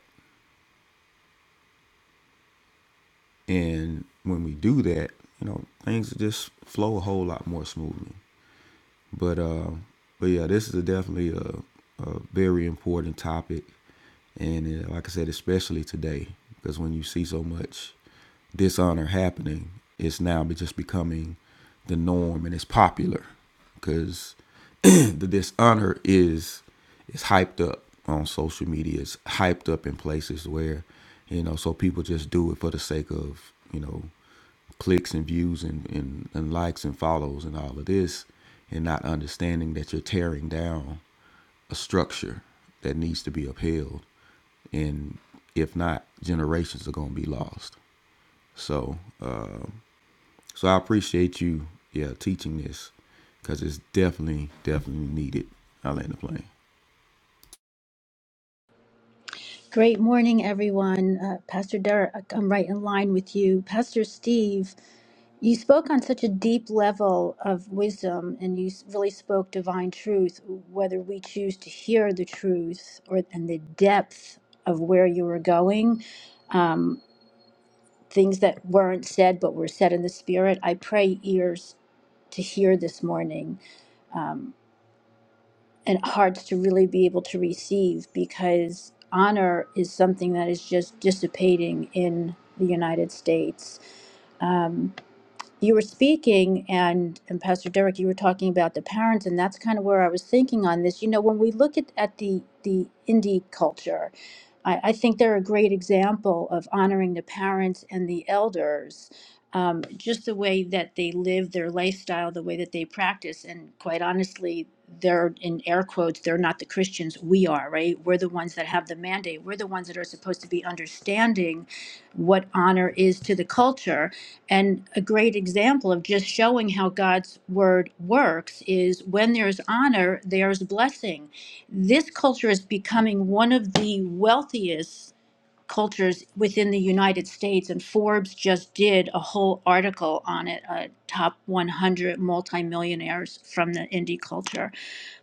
And when we do that, you know, things just flow a whole lot more smoothly. But uh, but yeah, this is a definitely a, a very important topic, and uh, like I said, especially today, because when you see so much dishonor happening, it's now just becoming the norm and it's popular because the dishonor is is hyped up on social media. It's hyped up in places where you know, so people just do it for the sake of you know clicks and views and, and, and likes and follows and all of this and not understanding that you're tearing down a structure that needs to be upheld and if not generations are going to be lost so uh, so i appreciate you yeah teaching this because it's definitely definitely needed i land the plane
Great morning, everyone. Uh, Pastor Derek, I'm right in line with you. Pastor Steve, you spoke on such a deep level of wisdom and you s- really spoke divine truth, whether we choose to hear the truth or and the depth of where you were going, things that weren't said but were said in the spirit. I pray ears to hear this morning. Um, and hearts to really be able to receive because honor is something that is just dissipating in the United States. Um, you were speaking, and, and Pastor Derek, you were talking about the parents, and that's kind of where I was thinking on this. You know, when we look at, at the, the indie culture, I, I think they're a great example of honoring the parents and the elders, um, just the way that they live their lifestyle, the way that they practice. And quite honestly, they're in air quotes, they're not the Christians. We are, right? We're the ones that have the mandate. We're the ones that are supposed to be understanding what honor is to the culture. And a great example of just showing how God's word works is when there's honor, there's blessing this culture is becoming one of the wealthiest cultures within the United States. And Forbes just did a whole article on it uh, top 100 multimillionaires from the indie culture.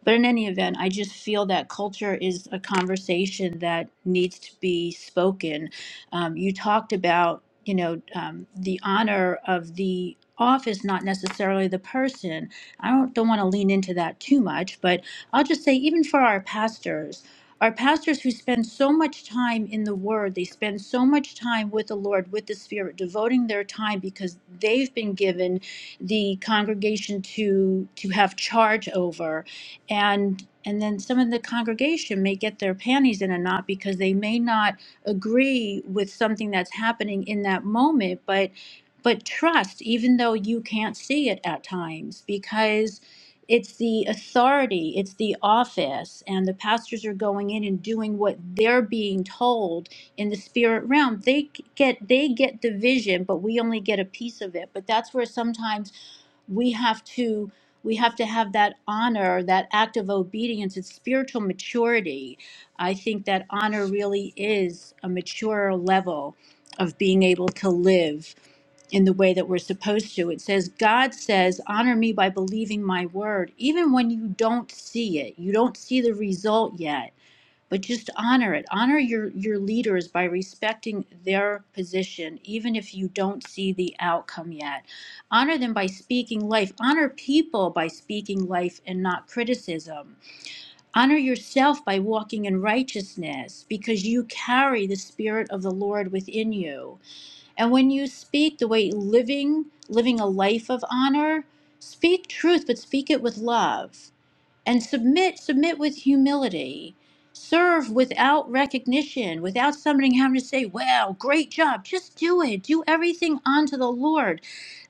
But in any event, I just feel that culture is a conversation that needs to be spoken. Um, you talked about, you know, um, the honor of the office, not necessarily the person. I don't, don't want to lean into that too much, but I'll just say, even for our pastors, our pastors who spend so much time in the Word, they spend so much time with the Lord, with the Spirit, devoting their time because they've been given the congregation to to have charge over and and then some of the congregation may get their panties in a knot because they may not agree with something that's happening in that moment but but trust even though you can't see it at times because it's the authority it's the office and the pastors are going in and doing what they're being told in the spirit realm they c- get they get the vision but we only get a piece of it but that's where sometimes we have to we have to have that honor that act of obedience it's spiritual maturity i think that honor really is a mature level of being able to live in the way that we're supposed to it says god says honor me by believing my word even when you don't see it you don't see the result yet but just honor it honor your your leaders by respecting their position even if you don't see the outcome yet honor them by speaking life honor people by speaking life and not criticism honor yourself by walking in righteousness because you carry the spirit of the lord within you and when you speak the way living living a life of honor speak truth but speak it with love and submit submit with humility serve without recognition without somebody having to say wow great job just do it do everything unto the lord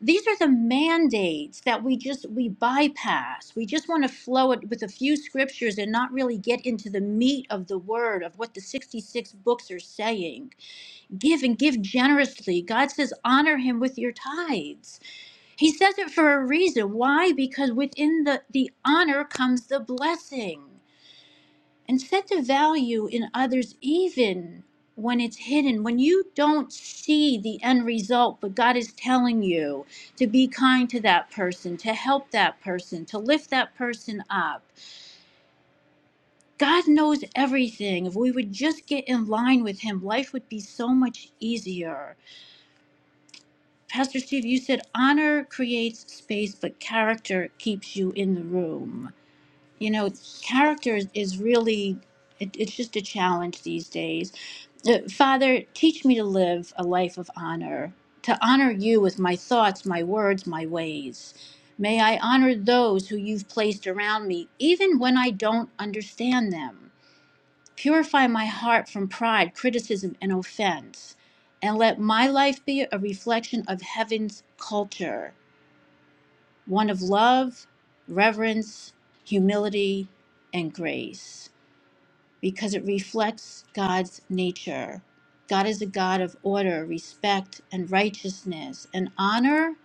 these are the mandates that we just we bypass we just want to flow it with a few scriptures and not really get into the meat of the word of what the 66 books are saying give and give generously god says honor him with your tithes he says it for a reason. Why? Because within the, the honor comes the blessing. And set the value in others even when it's hidden, when you don't see the end result, but God is telling you to be kind to that person, to help that person, to lift that person up. God knows everything. If we would just get in line with Him, life would be so much easier. Pastor Steve, you said honor creates space, but character keeps you in the room. you know character is is really it, it's just a challenge these days Uh, father teach me to live a life of honor to honor you with my thoughts my words my ways may i honor those who you've placed around me even when i don't understand them purify my heart from pride criticism and offense and let my life be a reflection of heaven's culture one of love, reverence, humility, and grace because it reflects God's nature. God is a God of order, respect, and righteousness. And honor,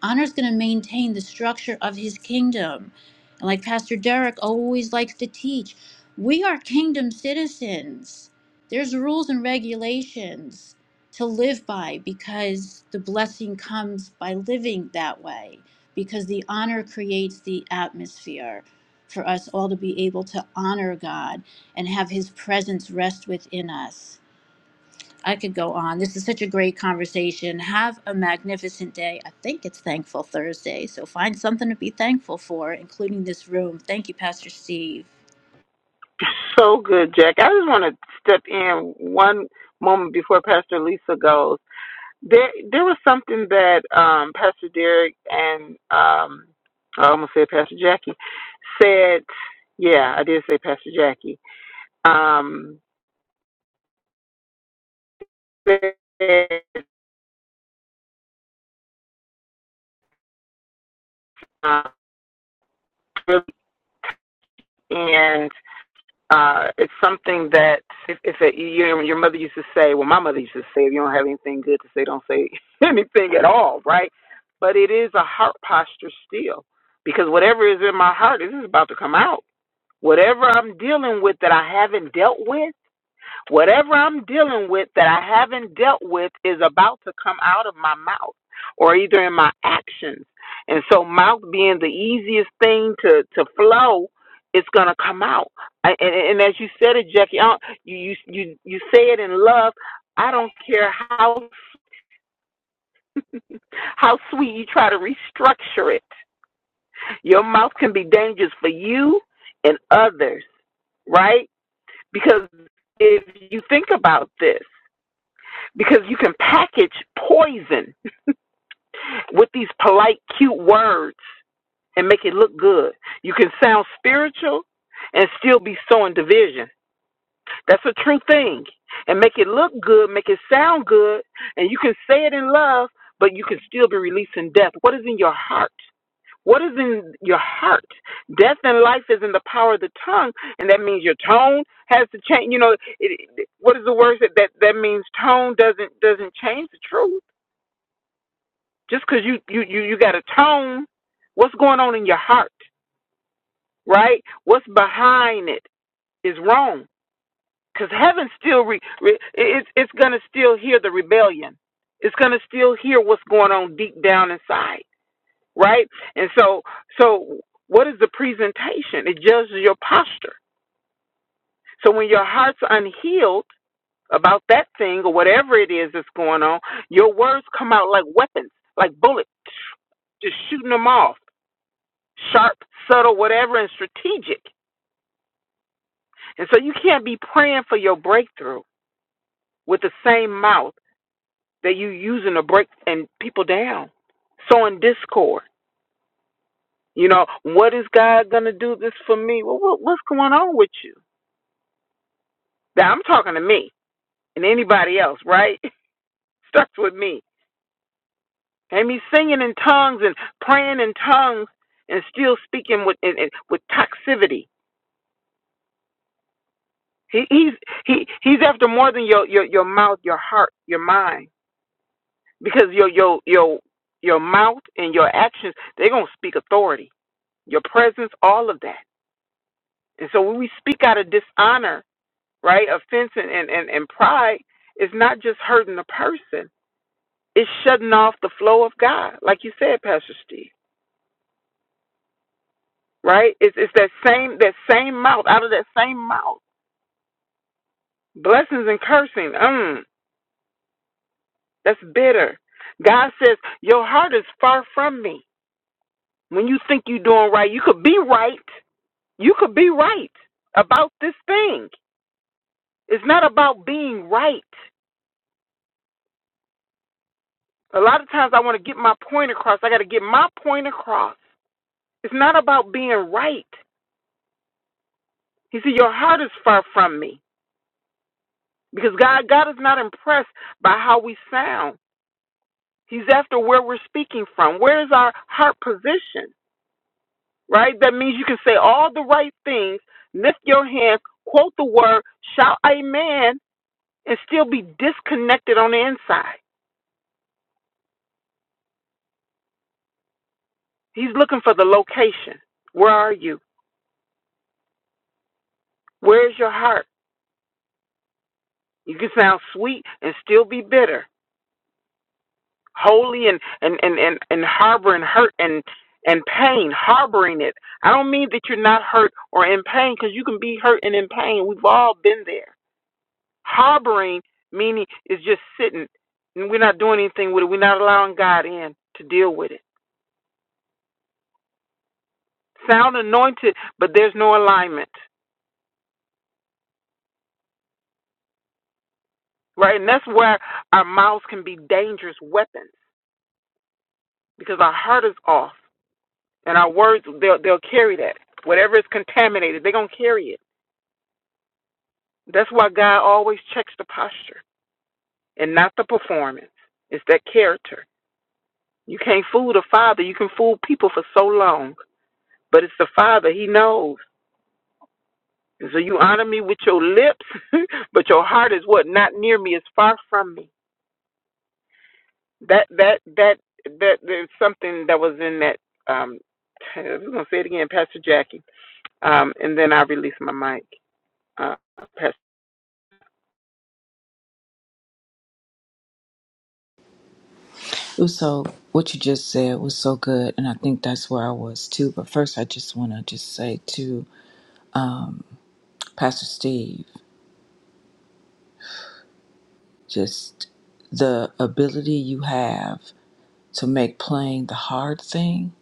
honor is going to maintain the structure of his kingdom. And like Pastor Derek always likes to teach, we are kingdom citizens. There's rules and regulations to live by because the blessing comes by living that way, because the honor creates the atmosphere for us all to be able to honor God and have his presence rest within us. I could go on. This is such a great conversation. Have a magnificent day. I think it's Thankful Thursday, so find something to be thankful for, including this room. Thank you, Pastor Steve.
So good, Jack. I just want to step in one moment before Pastor Lisa goes. There, there was something that um, Pastor Derek and um, I almost said Pastor Jackie. said, yeah, I did say Pastor Jackie, um, said, uh, really, and uh, it's something that if, if it, your, your mother used to say, well, my mother used to say, if you don't have anything good to say, don't say anything at all, right? But it is a heart posture still, because whatever is in my heart, this is about to come out. Whatever I'm dealing with that I haven't dealt with Whatever I'm dealing with that I haven't dealt with is about to come out of my mouth or either in my actions. And so, mouth being the easiest thing to, to flow, it's going to come out. I- And, and as you said it, Jackie, I don't- you, you, you, you say it in love. I don't care how how sweet you try to restructure it. Your mouth can be dangerous for you and others, right? Because if you think about this, because you can package poison with these polite, cute words and make it look good. You can sound spiritual and still be sowing division. That's a true thing. And make it look good, make it sound good, and you can say it in love, but you can still be releasing death. What is in your heart? What is in your heart? Death and life is in the power of the tongue, and that means your tone has to change. You know, it, it- what is the word that, that that means? Tone doesn't doesn't change the truth just because you, you you you got a tone what's going on in your heart right what's behind it is wrong because heaven still re, re, it's it's gonna still hear the rebellion it's gonna still hear what's going on deep down inside right and so so what is the presentation it judges your posture so when your heart's unhealed about that thing or whatever it is that's going on your words come out like weapons like bullets just shooting them off sharp, subtle, whatever, and strategic. And so you can't be praying for your breakthrough with the same mouth that you using to break and people down, sowing discord. You know, what is God gonna do this for me? Well, what, what's going on with you? Now I'm talking to me and anybody else, right? Starts with me. And me singing in tongues and praying in tongues and still speaking with and, and, with toxicity. He, he's he he's after more than your, your your mouth, your heart, your mind. because your your your your mouth and your actions they're going to speak authority your presence all of that and so when we speak out of dishonor right offense and and, and, and pride it's not just hurting the person it's shutting off the flow of god like you said pastor steve right it's, it's that same that same mouth out of that same mouth blessings and cursing mm, that's bitter god says your heart is far from me when you think you're doing right you could be right You could be right about this thing. It's not about being right. A lot of times I want to get my point across. I got to get my point across. It's not about being right. He said, Your heart is far from me. Because God, God is not impressed by how we sound. He's after where we're speaking from. Where is our heart position? Right? That means you can say all the right things, lift your hands, quote the word, shout amen, and still be disconnected on the inside. He's looking for the location. Where are you? Where's your heart? You can sound sweet and still be bitter, holy and and and and, and harboring hurt and and pain, harboring it. I don't mean that you're not hurt or in pain, because you can be hurt and in pain. We've all been there. Harboring meaning is just sitting, and we're not doing anything with it. We're not allowing God in to deal with it. Sound anointed, but there's no alignment, right? And that's where our mouths can be dangerous weapons because our heart is off and our words they'll they'll carry that whatever is contaminated they're going to carry it that's why god always checks the posture and not the performance it's that character you can't fool the father you can fool people for so long but it's the father he knows and so you honor me with your lips but your heart is what not near me is far from me that that that that there's something that was in that um i was going to say it again pastor jackie um and then i release my mic Uh, Pastor,
It was so what you just said was so good, and I think that's where I was too. But first, I just want to just say to Pastor Steve, just the ability you have to make playing the hard thing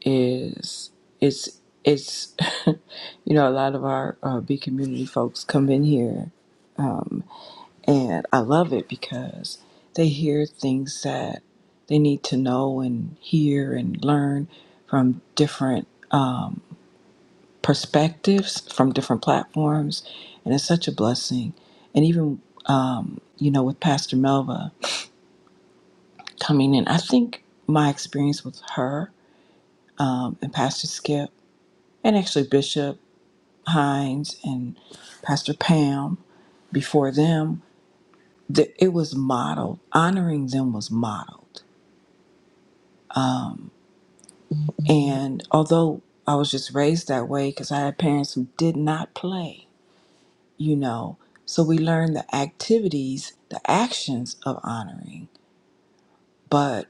is it's it's you know a lot of our uh, B community folks come in here, and I love it because they hear things that they need to know and hear and learn from different. perspectives from different platforms, and it's such a blessing. And even, um, you know, with Pastor Melva coming in, I think my experience with her um, and Pastor Skip, and actually Bishop Hines and Pastor Pam before them, th- it was modeled. Honoring them was modeled. Mhm. And although I was just raised that way because I had parents who did not play, you know. So we learned the activities, the actions of honoring, but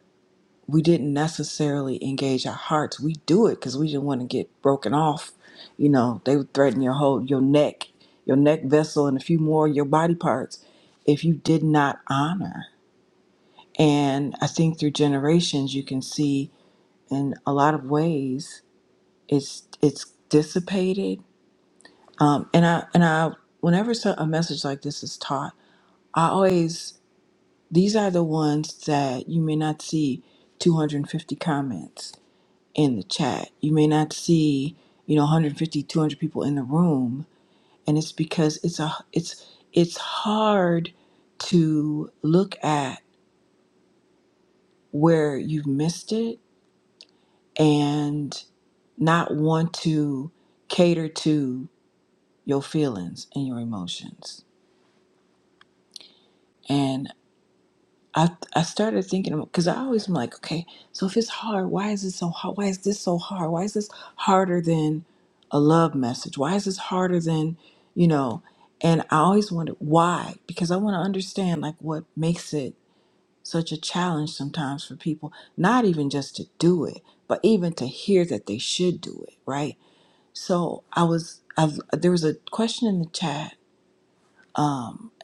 we didn't necessarily engage our hearts. We do it because we didn't want to get broken off. You know, they would threaten your whole your neck, your neck vessel, and a few more of your body parts if you did not honor. And I think through generations, you can see in a lot of ways it's it's dissipated. Um, and I and I whenever so- a message like this is taught, I always These are the ones that you may not see 250 comments in the chat. You may not see, you know, 150, 200 people in the room, and it's because it's a it's it's hard to look at where you've missed it and not want to cater to your feelings and your emotions. I, I started thinking because I always am like, okay, so if it's hard, why is it so hard? Why is this so hard? Why is this harder than a love message? Why is this harder than, you know? And I always wonder why, because I want to understand like what makes it such a challenge sometimes for people, not even just to do it, but even to hear that they should do it, right? So I was, I've, there was a question in the chat,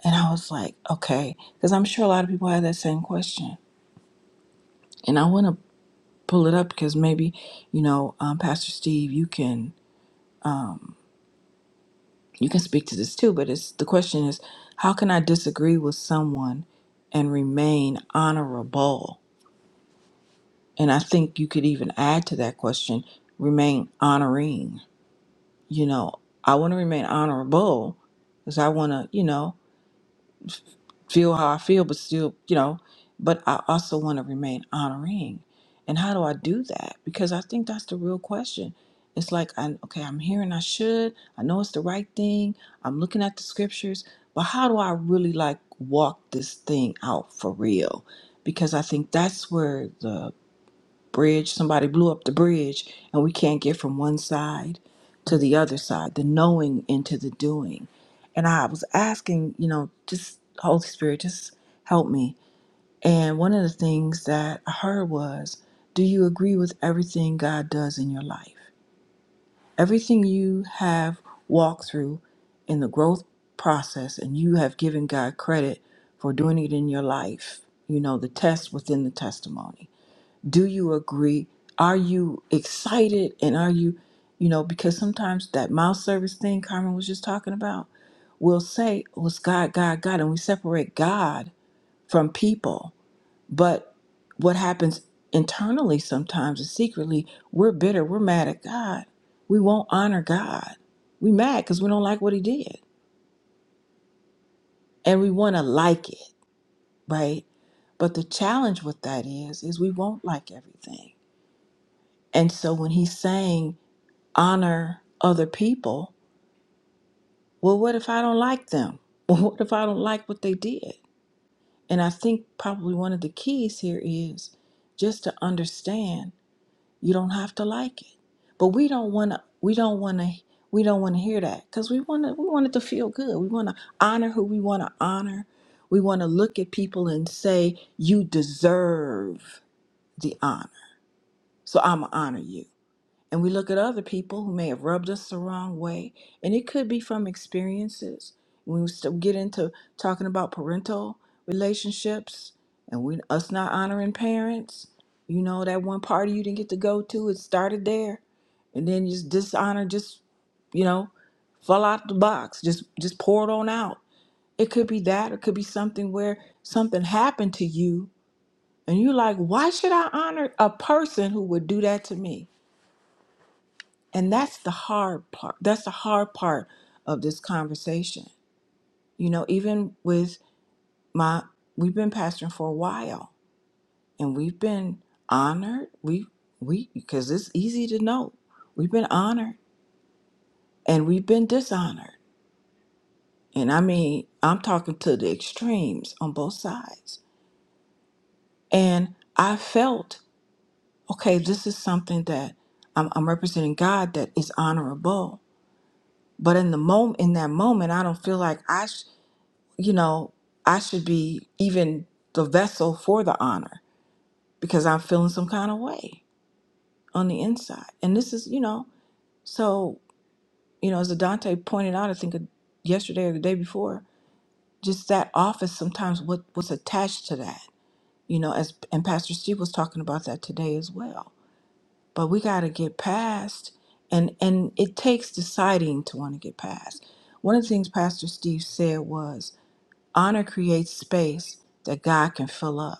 and I was like, okay, because I'm sure a lot of people have that same question. and I want to pull it up because maybe you know um, pastor steve you can you can speak to this too but it's the question is how can i disagree with someone and remain honorable and i think you could even add to that question remain honoring you know i want to remain honorable because i want to you know feel how I feel, but still, you know, but I also want to remain honoring. And how do I do that? Because I think that's the real question. It's like, I, okay, I'm here and I should. I know it's the right thing. I'm looking at the scriptures, but how do I really like walk this thing out for real? Because I think that's where the bridge. Somebody blew up the bridge, and we can't get from one side to the other side, the knowing into the doing. And I was asking, you know, just Holy Spirit, just help me. And one of the things that I heard was, do you agree with everything God does in your life? Everything you have walked through in the growth process, and you have given God credit for doing it in your life, you know, the test within the testimony do you agree are you excited and are you you know because sometimes that mouth service thing carmen was just talking about we will say was god god god and we separate god from people but what happens internally sometimes is secretly we're bitter we're mad at god we won't honor god we mad because we don't like what he did and we want to like it right but the challenge with that is is we won't like everything and so when he's saying honor other people. Well, what if I don't like them? Well, what if I don't like what they did? And I think probably one of the keys here is just to understand you don't have to like it. But we don't want to we don't want to we don't want to hear that cuz we want to we want it to feel good. We want to honor who we want to honor. We want to look at people and say you deserve the honor. So I'm going to honor you. And we look at other people who may have rubbed us the wrong way, and it could be from experiences. we still get into talking about parental relationships and we us not honoring parents, you know that one party you didn't get to go to, it started there, and then just dishonor, just you know, fall out the box, just just pour it on out. It could be that, it could be something where something happened to you, and you're like, why should I honor a person who would do that to me? And that's the hard part. That's the hard part of this conversation. You know, even with my we've been pastoring for a while and we've been honored. We we because it's easy to know. We've been honored and we've been dishonored. And I mean, I'm talking to the extremes on both sides. And I felt, okay, this is something that I'm, I'm representing God that is honorable. But in the moment, in that moment, I don't feel like I. sh- you know, I should be even the vessel for the honor because I'm feeling some kind of way on the inside. And this is, you know, so, you know, as Dante pointed out, I think uh, yesterday or the day before, just that office sometimes what what's attached to that, you know, as and Pastor Steve was talking about that today as well. But we got to get past and and it takes deciding to want to get past. One of the things Pastor Steve said was honor creates space that God can fill up.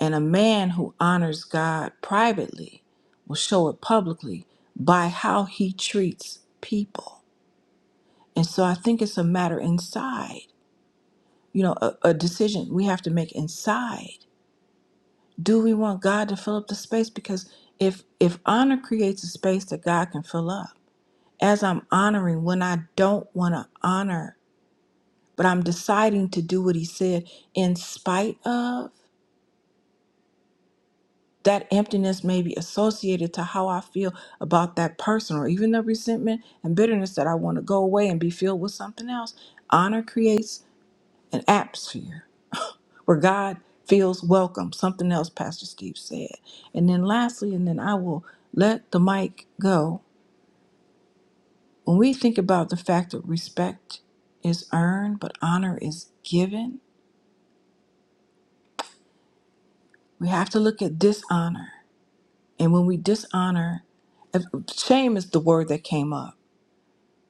And a man who honors God privately will show it publicly by how he treats people. And so I think it's a matter inside, you know, a, a decision we have to make inside. Do we want God to fill up the space? Because if if honor creates a space that God can fill up, as I'm honoring when I don't want to honor, but I'm deciding to do what he said in spite of, that emptiness may be associated to how I feel about that person or even the resentment and bitterness that I want to go away and be filled with something else. Honor creates an atmosphere where God feels welcome, something else Pastor Steve said. And then lastly, and then I will let the mic go. When we think about the fact that respect is earned, but honor is given, we have to look at dishonor. And when we dishonor, if- shame is the word that came up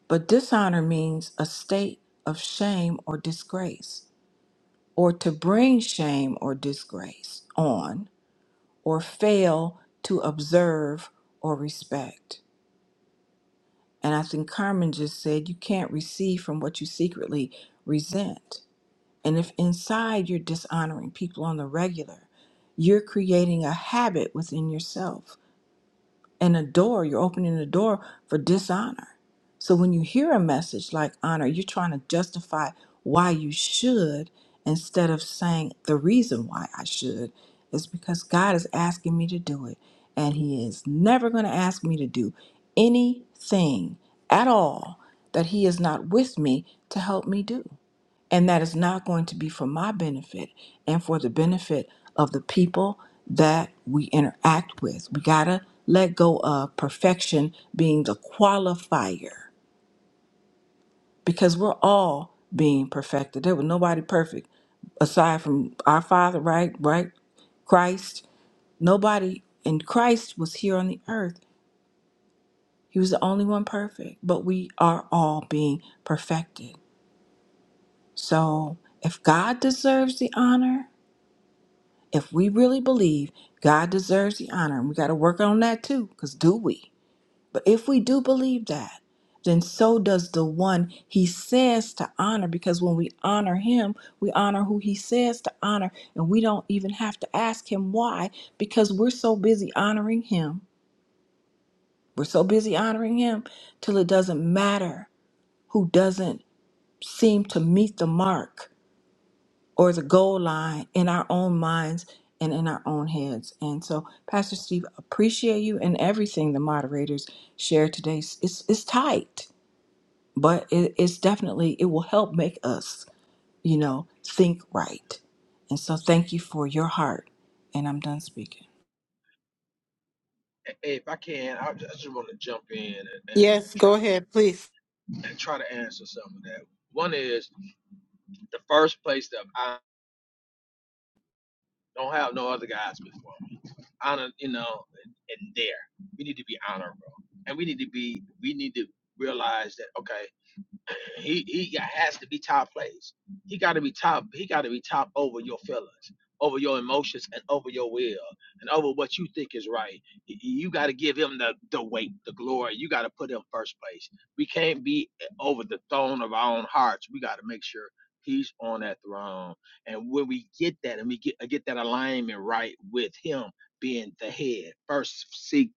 But dishonor means a state of shame or disgrace, or to bring shame or disgrace on, or fail to observe or respect. And I think Carmen just said you can't receive from what you secretly resent. And if inside you're dishonoring people on the regular, you're creating a habit within yourself and a door, you're opening a door for dishonor. So when you hear a message like honor, you're trying to justify why you should instead of saying the reason why I should is because God is asking me to do it. And He is never going to ask me to do anything at all that He is not with me to help me do and that is not going to be for my benefit and for the benefit of the people that we interact with. We got to let go of perfection being the qualifier because we're all being perfected. There was nobody perfect aside from our Father, right? Right? Christ. Nobody, and Christ was here on the earth. He was the only one perfect, but we are all being perfected. So if God deserves the honor, if we really believe God deserves the honor, and we got to work on that too, because do we? But if we do believe that, then so does the one he says to honor, because when we honor him, we honor who he says to honor, and we don't even have to ask him why, because we're so busy honoring him. We're so busy honoring him till it doesn't matter who doesn't seem to meet the mark or the goal line in our own minds and in our own heads. And so, Pastor Steve, appreciate you and everything the moderators shared today. It's it's tight, but it, it's definitely it will help make us, you know, think right. And so, thank you for your heart. And I'm done speaking.
Hey, if I can, I ju- I just want to jump in and, and
Yes,
try
go ahead, please.
and try to answer some of that. One is the first place that I don't have no other guys before me. Honor, you know, and, and there we need to be honorable, and we need to be we need to realize that okay. He he has to be top plays. He got to be top. He got to be top over your feelings, over your emotions, and over your will, and over what you think is right. y- You got to give him the the weight, the glory. You got to put him first place. We can't be eh, over the throne of our own hearts. We got to make sure he's on that throne. And when we get that, and we get uh, get that alignment right with him being the head, first seek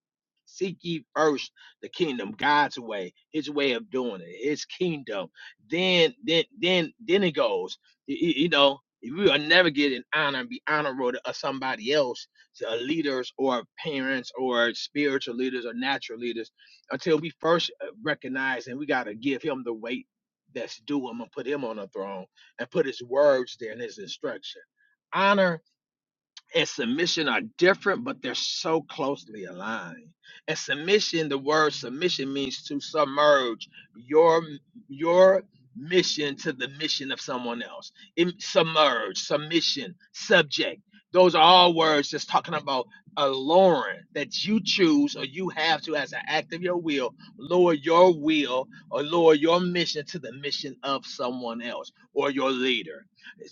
seek ye first the kingdom, God's way, His way of doing it, His kingdom. Then, then, then, then it goes. Y- You, know, if we will never get an honor and be honorable to uh, somebody else, to uh, leaders or parents or spiritual leaders or natural leaders, until we first uh, recognize and we got to give Him the weight that's due Him and put Him on the throne and put His words there and His instruction. Honor and submission are different, but they're so closely aligned. And submission, the word submission means to submerge your your mission to the mission of someone else. Im- submerge, submission, subject. Those are all words just talking about alluring that you choose or you have to, as an act of your will, lower your will or lower your mission to the mission of someone else or your leader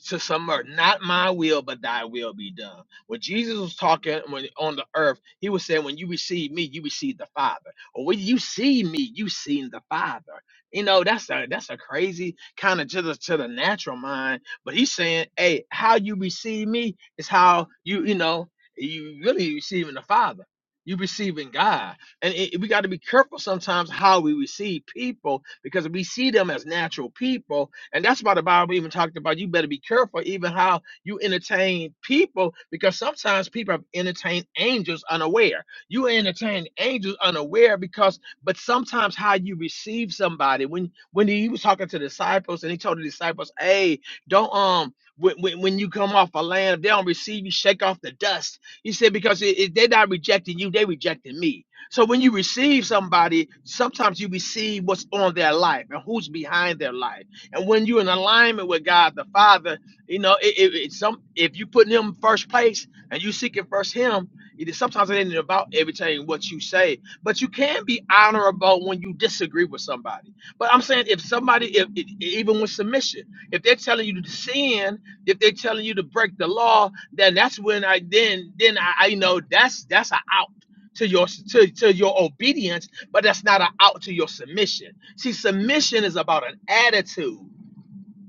to submerge, not my will, but thy will be done. When Jesus was talking when on the earth, he was saying, When you receive me, you receive the Father. Or when you see me, you seen the Father. You know, that's a that's a crazy kind of to the to the natural mind. But he's saying, Hey, how you receive me is how you, you know, you really receiving the Father. You receiving God. And it, we got to be careful sometimes how we receive people because we see them as natural people. And that's why the Bible even talked about you better be careful even how you entertain people because sometimes people have entertained angels unaware. You entertain angels unaware because, but sometimes how you receive somebody when when he was talking to the disciples and he told the disciples, "Hey, don't um." When, when, when you come off a land, if they don't receive you, shake off the dust. He said, because it, it- they're not rejecting you, they rejecting me. So when you receive somebody, sometimes you receive what's on their life and who's behind their life. And when you're in alignment with God the Father, you know, it, it, it's some if you put him first place and you seeking first him, it is sometimes it ain't about everything what you say, but you can be honorable when you disagree with somebody. But I'm saying if somebody, if, if even with submission, if they're telling you to sin, if they're telling you to break the law, then that's when I then then I, I you know that's that's an out. To your to, to your obedience, but that's not an out to your submission. See, submission is about an attitude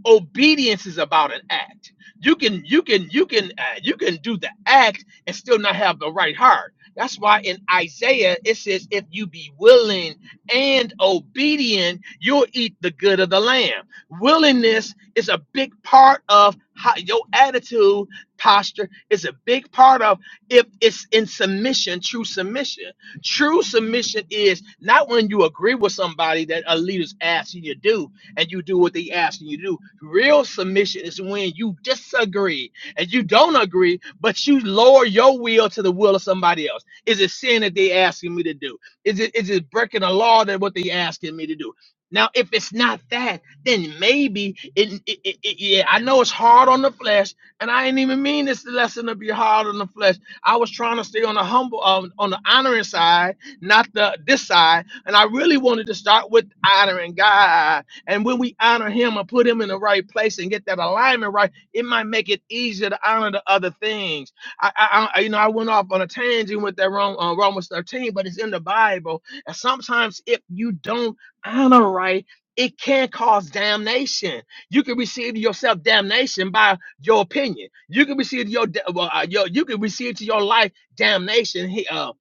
obedience is about an act you can you can you can uh, you can do the act and still not have the right heart that's why in isaiah it says if you be willing and obedient you'll eat the good of the land willingness is a big part of how your attitude posture is a big part of if it's in submission true submission true submission is not when you agree with somebody that a leader's asking you to do and you do what they ask you to do. Real submission is when you disagree and you don't agree, but you lower your will to the will of somebody else. Is it sin that they asking me to do? Is it is it breaking a law that what they asking me to do? Now, if it's not that, then maybe it, it, it, it- yeah, I know it's hard on the flesh, and I ain't even mean this lesson to be hard on the flesh. I was trying to stay on the humble, um, on the honoring side, not the this side, and I really wanted to start with honoring God. And when we honor him and put him in the right place and get that alignment right, it might make it easier to honor the other things. I, I, I you know, I went off on a tangent with that Rome, uh, Romans 13, but it's in the Bible. And sometimes if you don't honor right, it can cause damnation. You can receive to yourself damnation by your opinion. You can receive to your well, uh, your you can receive to your life damnation. He, uh,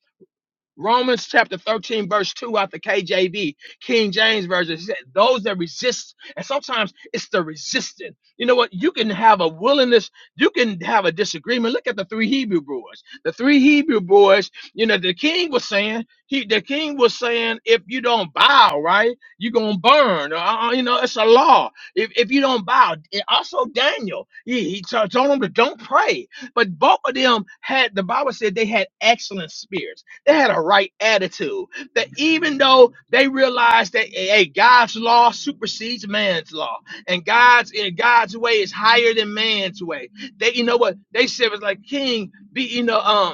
Romans chapter 13, verse 2 out the KJV, King James Version, it said, those that resist, and sometimes it's the resistant. You know what? You can have a willingness, you can have a disagreement. Look at the three Hebrew boys. The three Hebrew boys, you know, the king was saying, he the king was saying, if you don't bow, right, you're gonna burn. Uh, uh, you know, it's a law. If, if you don't bow, and also Daniel, he, he t- told them to don't pray. But both of them had the Bible said they had excellent spirits they had a right attitude. That even though they realized that hey, hey, God's law supersedes man's law, and God's in God's way is higher than man's way. They, you know what they said was like, King, be you know um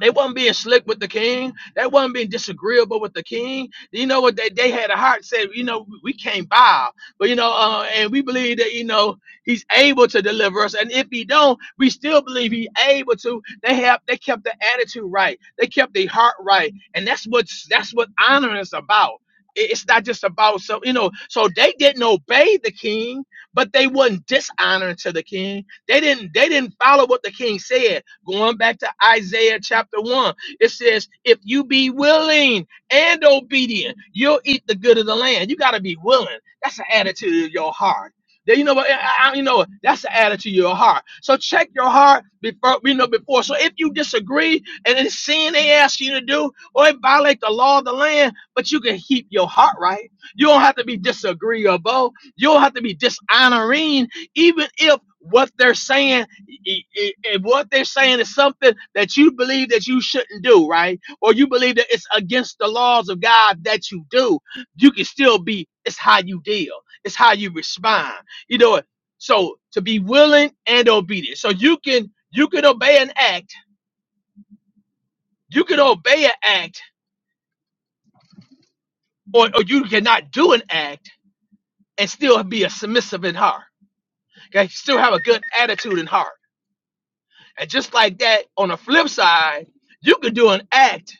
they wasn't being slick with the king. They wasn't being disagreeable with the king. You know what? They, they had a heart said, you know, we can't bow. But, you know, uh, and we believe that, you know, he's able to deliver us. And if he don't, we still believe he able to. They have they kept the attitude right. They kept the heart right. And that's what that's what honor is about. It- It's not just about so you know, so they didn't obey the king, but they wasn't dishonoring to the king they didn't they didn't follow what the king said. Going back to Isaiah chapter 1, it says, "If you be willing and obedient, you'll eat the good of the land." You got to be willing. That's the attitude of your heart. Then you know what? I, I- you know what? that's the attitude of your heart. So check your heart before you know before. So if you disagree and it's sin they ask you to do, or it violate the law of the land, but you can keep your heart right. You don't have to be disagreeable. You don't have to be dishonoring even if what they're saying i- if what they're saying is something that you believe that you shouldn't do right or you believe that it's against the laws of god that you do you can still be it's how you deal it's how you respond you know so to be willing and obedient so you can you can obey an act you can obey an act or, or you cannot do an act and still be a submissive in heart okay still have a good attitude in heart And just like that, on the flip side, you could do an act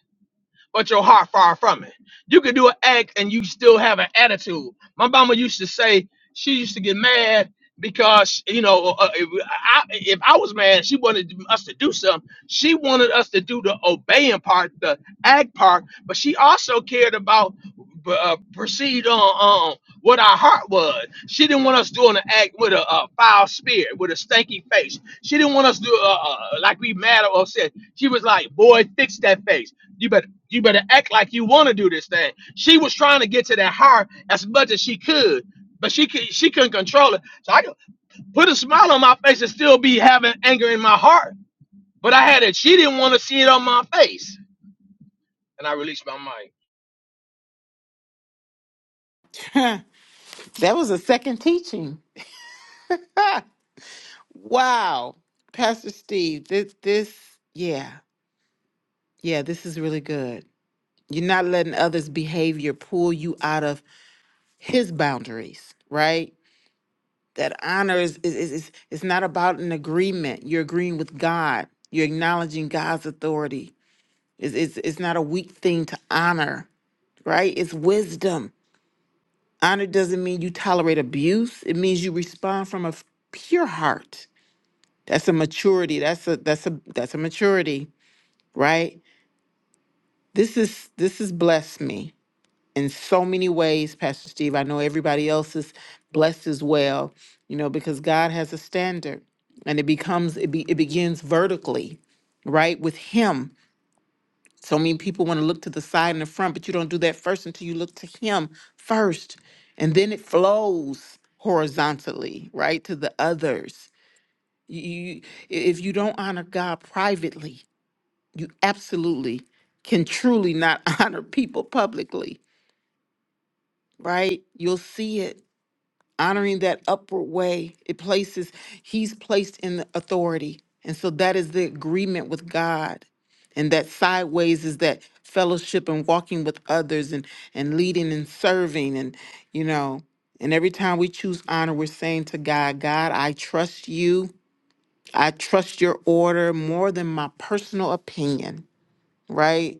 but your heart far from it. You can do an act and you still have an attitude. My mama used to say she used to get mad because you know uh, uh, if, I, if I was mad, she wanted us to do something. She wanted us to do the obeying part, the act part, but she also cared about uh, proceed on um, what our heart was. She didn't want us doing an act with a, uh foul spirit, with a stanky face. She didn't want us to do uh, uh, like we mad or upset. She was like, "Boy, fix that face." You better. You better act like you want to do this thing. She was trying to get to that heart as much as she could, but she could she couldn't control it. So I could put a smile on my face and still be having anger in my heart. But I had it. She didn't want to see it on my face, and I released my mind.
that was a second teaching. Wow. Pastor Steve, this this yeah. Yeah, this is really good. You're not letting others' behavior pull you out of his boundaries, right? That honor is is is, is it's not about an agreement. You're agreeing with God. You're acknowledging God's authority. It's, it's, it's not a weak thing to honor, right? It's wisdom Honor doesn't mean you tolerate abuse. It means you respond from a f- pure heart. That's a maturity. That's a that's a that's a maturity, right? This is this has blessed me in so many ways, Pastor Steve. I know everybody else is blessed as well, you know, because God has a standard and it becomes it be, it begins vertically, right? With him So many people want to look to the side and the front, but you don't do that first until you look to Him first. And then it flows horizontally, right, to the others. You, you- if you don't honor God privately, you absolutely can truly not honor people publicly, right? You'll see it. honoring that upward way it places he's placed in the authority and so that is the agreement with god and that sideways is that fellowship and walking with others and and leading and serving and you know and every time we choose honor we're saying to god god i trust you i trust your order more than my personal opinion right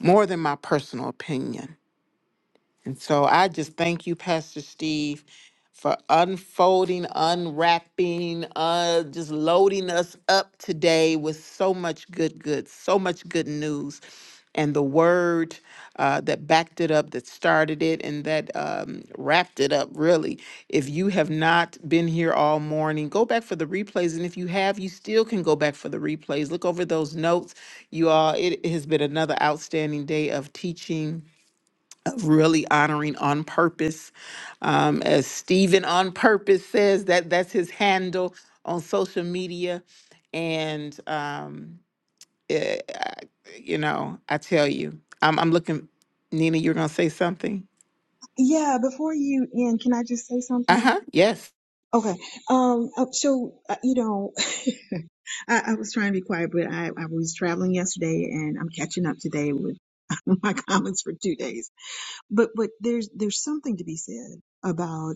more than my personal opinion and so I just thank you, Pastor Steve, for unfolding, unwrapping, uh, just loading us up today with so much good, good, so much good news. And the word uh, that backed it up, that started it, and that um, wrapped it up, really. If you have not been here all morning, go back for the replays. And if you have, you still can go back for the replays. Look over those notes. You all, it has been another outstanding day of teaching really honoring on purpose. Um, as Stephen on purpose says, that that's his handle on social media. And, um, eh, I- you know, I tell you, I'm, I'm looking, Nina, you're going to say something?
Yeah, before you end, can I just say
Uh
something?
huh. Yes.
Okay. Um, uh, so, uh, you know, I, I was trying to be quiet, but I, I was traveling yesterday and I'm catching up today with my comments for two days. But, but there's, there's something to be said about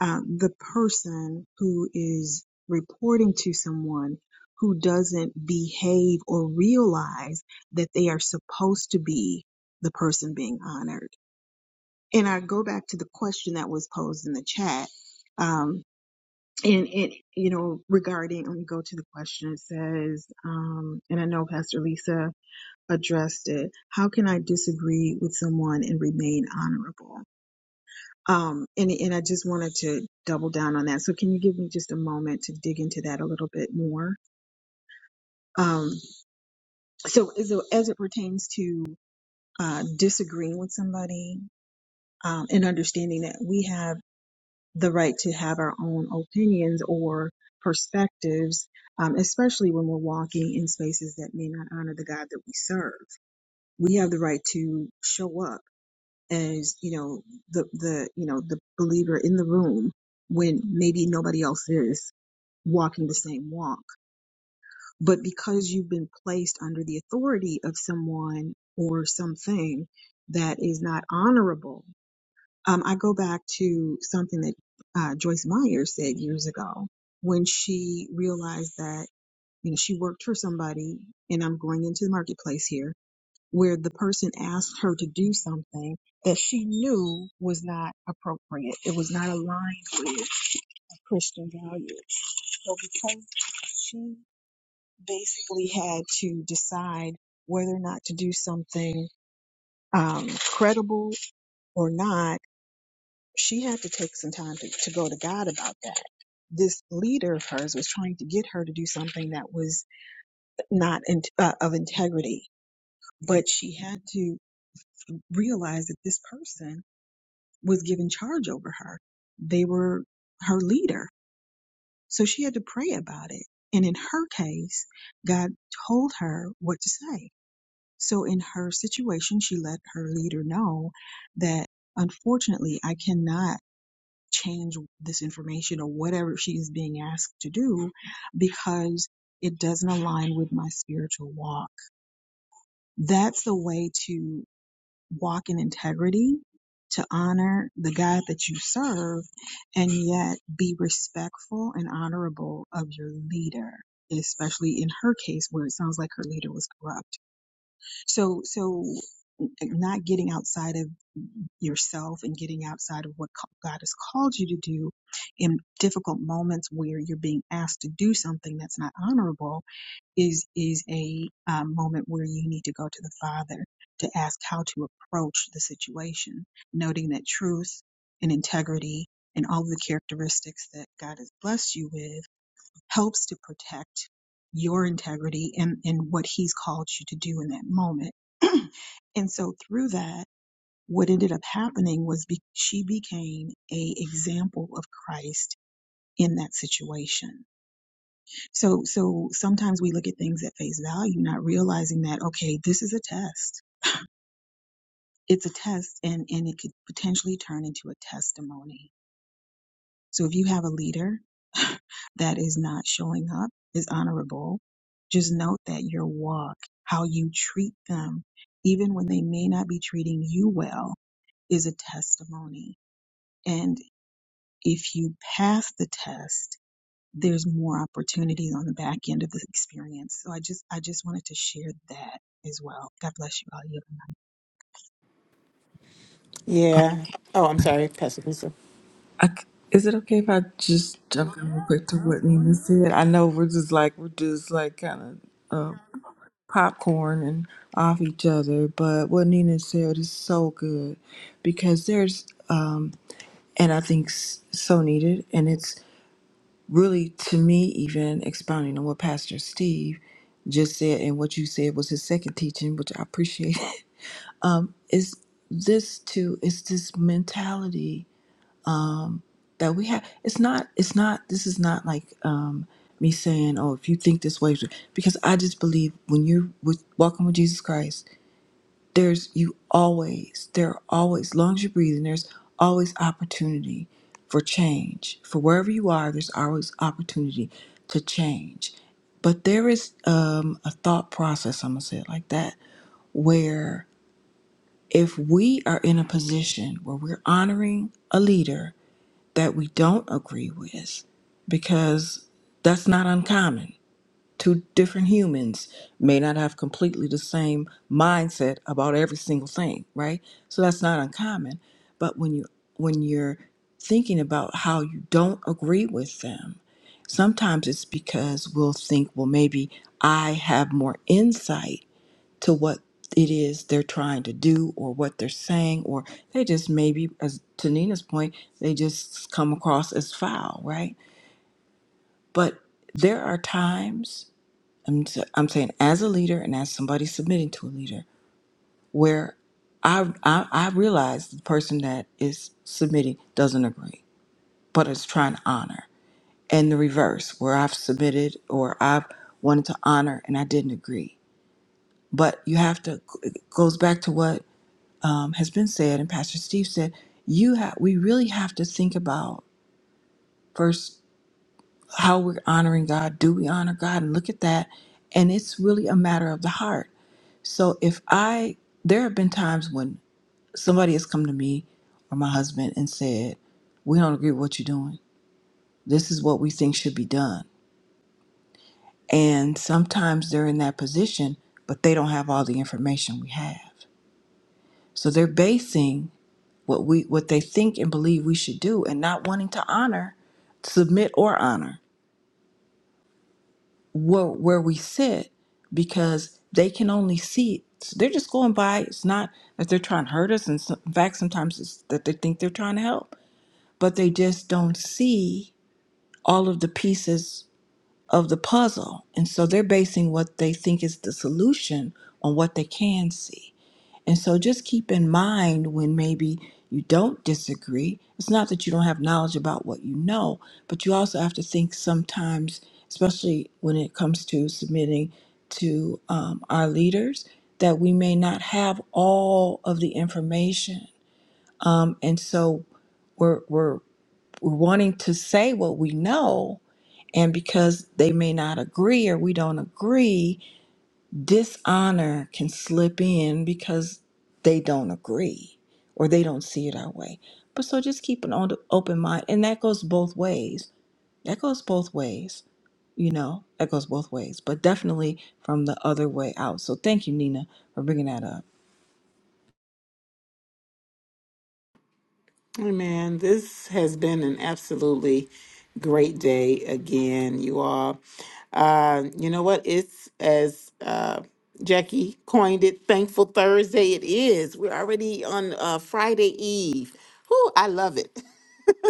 um, the person who is reporting to someone who doesn't behave or realize that they are supposed to be the person being honored and I go back to the question that was posed in the chat. Um, and it regarding, let me go to the, it says, um, the addressed it. How can I disagree with someone and remain honorable? Um, and, and I just wanted to double down on that. So can you give me just a moment to dig into that a little bit more? Um, so as, it- as it pertains to, uh, disagreeing with somebody, um, and understanding that we have the right to have our own opinions or perspectives, um, especially when we're walking in spaces that may not honor the God that we serve. We have the right to show up as, you know, the, the, you know, the believer in the room when maybe nobody else is walking the same walk. But because you've been placed under the authority of someone or something that is not honorable Um, I go back to something that uh, Joyce Meyer said years ago when she realized that you know she worked for somebody, and I'm going into the marketplace here, where the person asked her to do something that she knew was not appropriate. It was not aligned with Christian values. So because she basically had to decide whether or not to do something um, credible or not, she thought that this was trying to get her was not in, uh, of integrity, but she had to realize that this person was given charge over her. They were her leader. So she had to pray about it. And in her case, God told her what to say. So in her situation, she let her leader know that unfortunately, I cannot change this information or whatever she is being asked to do because it doesn't align with my spiritual walk. That's the way to walk in integrity, to honor the God that you serve, and yet be respectful and honorable of your leader, especially in her case where it sounds like her leader was corrupt. So, so not getting outside of yourself and getting outside of what God has called you to do in difficult moments where you're being asked to do something that's not honorable is is a um, moment where you need to go to the Father to ask how to approach the situation, noting that truth and integrity and all of the characteristics that God has blessed you with helps to protect your integrity and, and what He's called you to do in that moment. and so through that, what ended up happening was be, she became a example of Christ in that situation so, so sometimes we look at things at face value, not realizing that, okay, this is a test. It's a test and, and it could potentially turn into a testimony. So if you have a leader that is not showing up, is honorable, just note that your walk, how you treat them, even when they may not be treating you well, is a testimony. And if you pass the test, there's more opportunities on the back end of the experience. So I just I just wanted to share that as well. God bless you all.
Yeah. Oh, I'm sorry, Pastor Lisa.
I, is it okay if I just jump in real quick to what Nina said? I know we're just like we're just like kind of. popcorn and off each other. But what Nina said is so good because there's, um, and I think s- so needed, and it's really to me even expounding on what Pastor Steve just said and what you said was his second teaching, which I appreciate. Is this too? It's this mentality that we have. It's not. It's not. This is not like. um me saying, "Oh, if you think this way," because I just believe when you're with, walking with Jesus Christ, there's you always there are always as long as you're breathing there's always opportunity for change for wherever you are there's always opportunity to change but there is um, a thought process i'm gonna say it like that where if we are in a position where we're honoring a leader that we don't agree with because that's not uncommon two different humans may not have completely the same mindset about every single thing right so that's not uncommon but when you when you're thinking about how you don't agree with them sometimes it's because we'll think well maybe i have more insight to what it is they're trying to do or what they're saying or they just maybe as to nina's point they just come across as foul right but there are times I'm, s- I'm saying as a leader and as somebody submitting to a leader, where I, I I realize the person that is submitting doesn't agree, but is trying to honor, and the reverse, where I've submitted or I've wanted to honor and I didn't agree. But you have to it goes back to what um, has been said and Pastor Steve said. You have we really have to think about first how we're honoring God. Do we honor God? And look at that. And it's really a matter of the heart So if I, there have been times when somebody has come to me or my husband and said, We don't agree with what you're doing. This is what we think should be done. And sometimes they're in that position, but they don't have all the information we have. So they're basing what we what they think and believe we should do and not wanting to honor, submit or honor. where where we sit because they can only see they're just going by it's not that they're trying to hurt us and so- in fact sometimes it's that they think they're trying to help but they just don't see all of the pieces of the puzzle and so they're basing what they think is the solution on what they can see and so just keep in mind when maybe you don't disagree, it's not that you don't have knowledge about what you know, but you also have to think sometimes, especially when it comes to submitting to um, our leaders, that we may not have all of the information. Um, and so we're, we're, we're wanting to say what we know. And because they may not agree or we don't agree, dishonor can slip in because they don't agree or they don't see it our way. But so just keep an o- open mind, and that goes both ways. That goes both ways, you know, that goes both ways, but definitely from the other way out. So thank you, Nina, for bringing that up.
Hey, Man, this has been an absolutely great day again, you all. Uh, you know what? It's as uh, Jackie coined it, Thankful Thursday. It is. We're already on uh, Friday Eve. Whoo, I love it.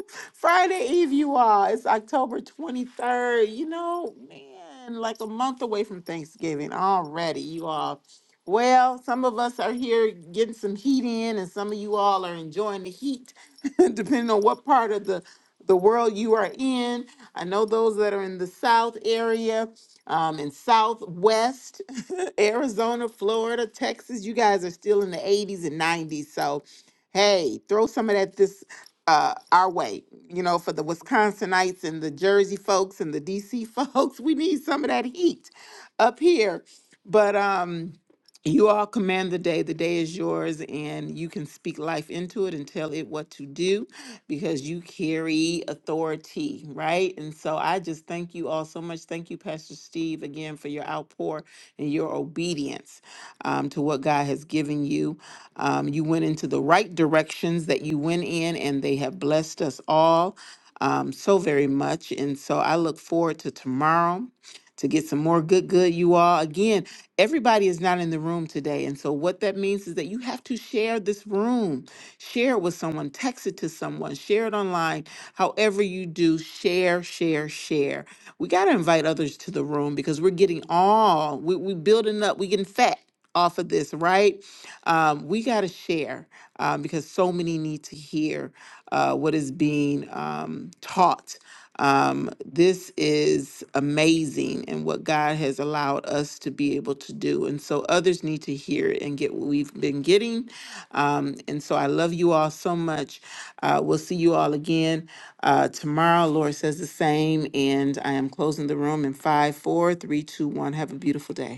Friday Eve, you all. It's October 23rd. You know, man, like a month away from Thanksgiving already, you all. Well, some of us are here getting some heat in, and some of you all are enjoying the heat, depending on what part of the the world you are in. I know those that are in the South area, um, in Southwest, Arizona, Florida, Texas. You guys are still in the 80s and 90s, so hey, throw some of that this uh, our way. You know, for the Wisconsinites and the Jersey folks and the DC folks, we need some of that heat up here. But um, you all command the day. The day is yours, and you can speak life into it and tell it what to do because you carry authority, right? And so I just thank you all so much. Thank you, Pastor Steve, again for your outpour and your obedience um, to what God has given you. Um, you went into the right directions that you went in, and they have blessed us all um, so very much. And so I look forward to tomorrow to get some more good, good, you all. Again, everybody is not in the room today. And so what that means is that you have to share this room, share it with someone, text it to someone, share it online. However, you do, share, share, share. We got to invite others to the room because we're getting all, we, we building up, we getting fat off of this, right? Um, we got to share um, because so many need to hear uh, what is being um, taught. Um, this is amazing and what God has allowed us to be able to do. And so others need to hear it and get what we've been getting. Um, and so I love you all so much. Uh, we'll see you all again uh, tomorrow. Laura says the same. And I am closing the room in five, four, three, two, one. Have a beautiful day.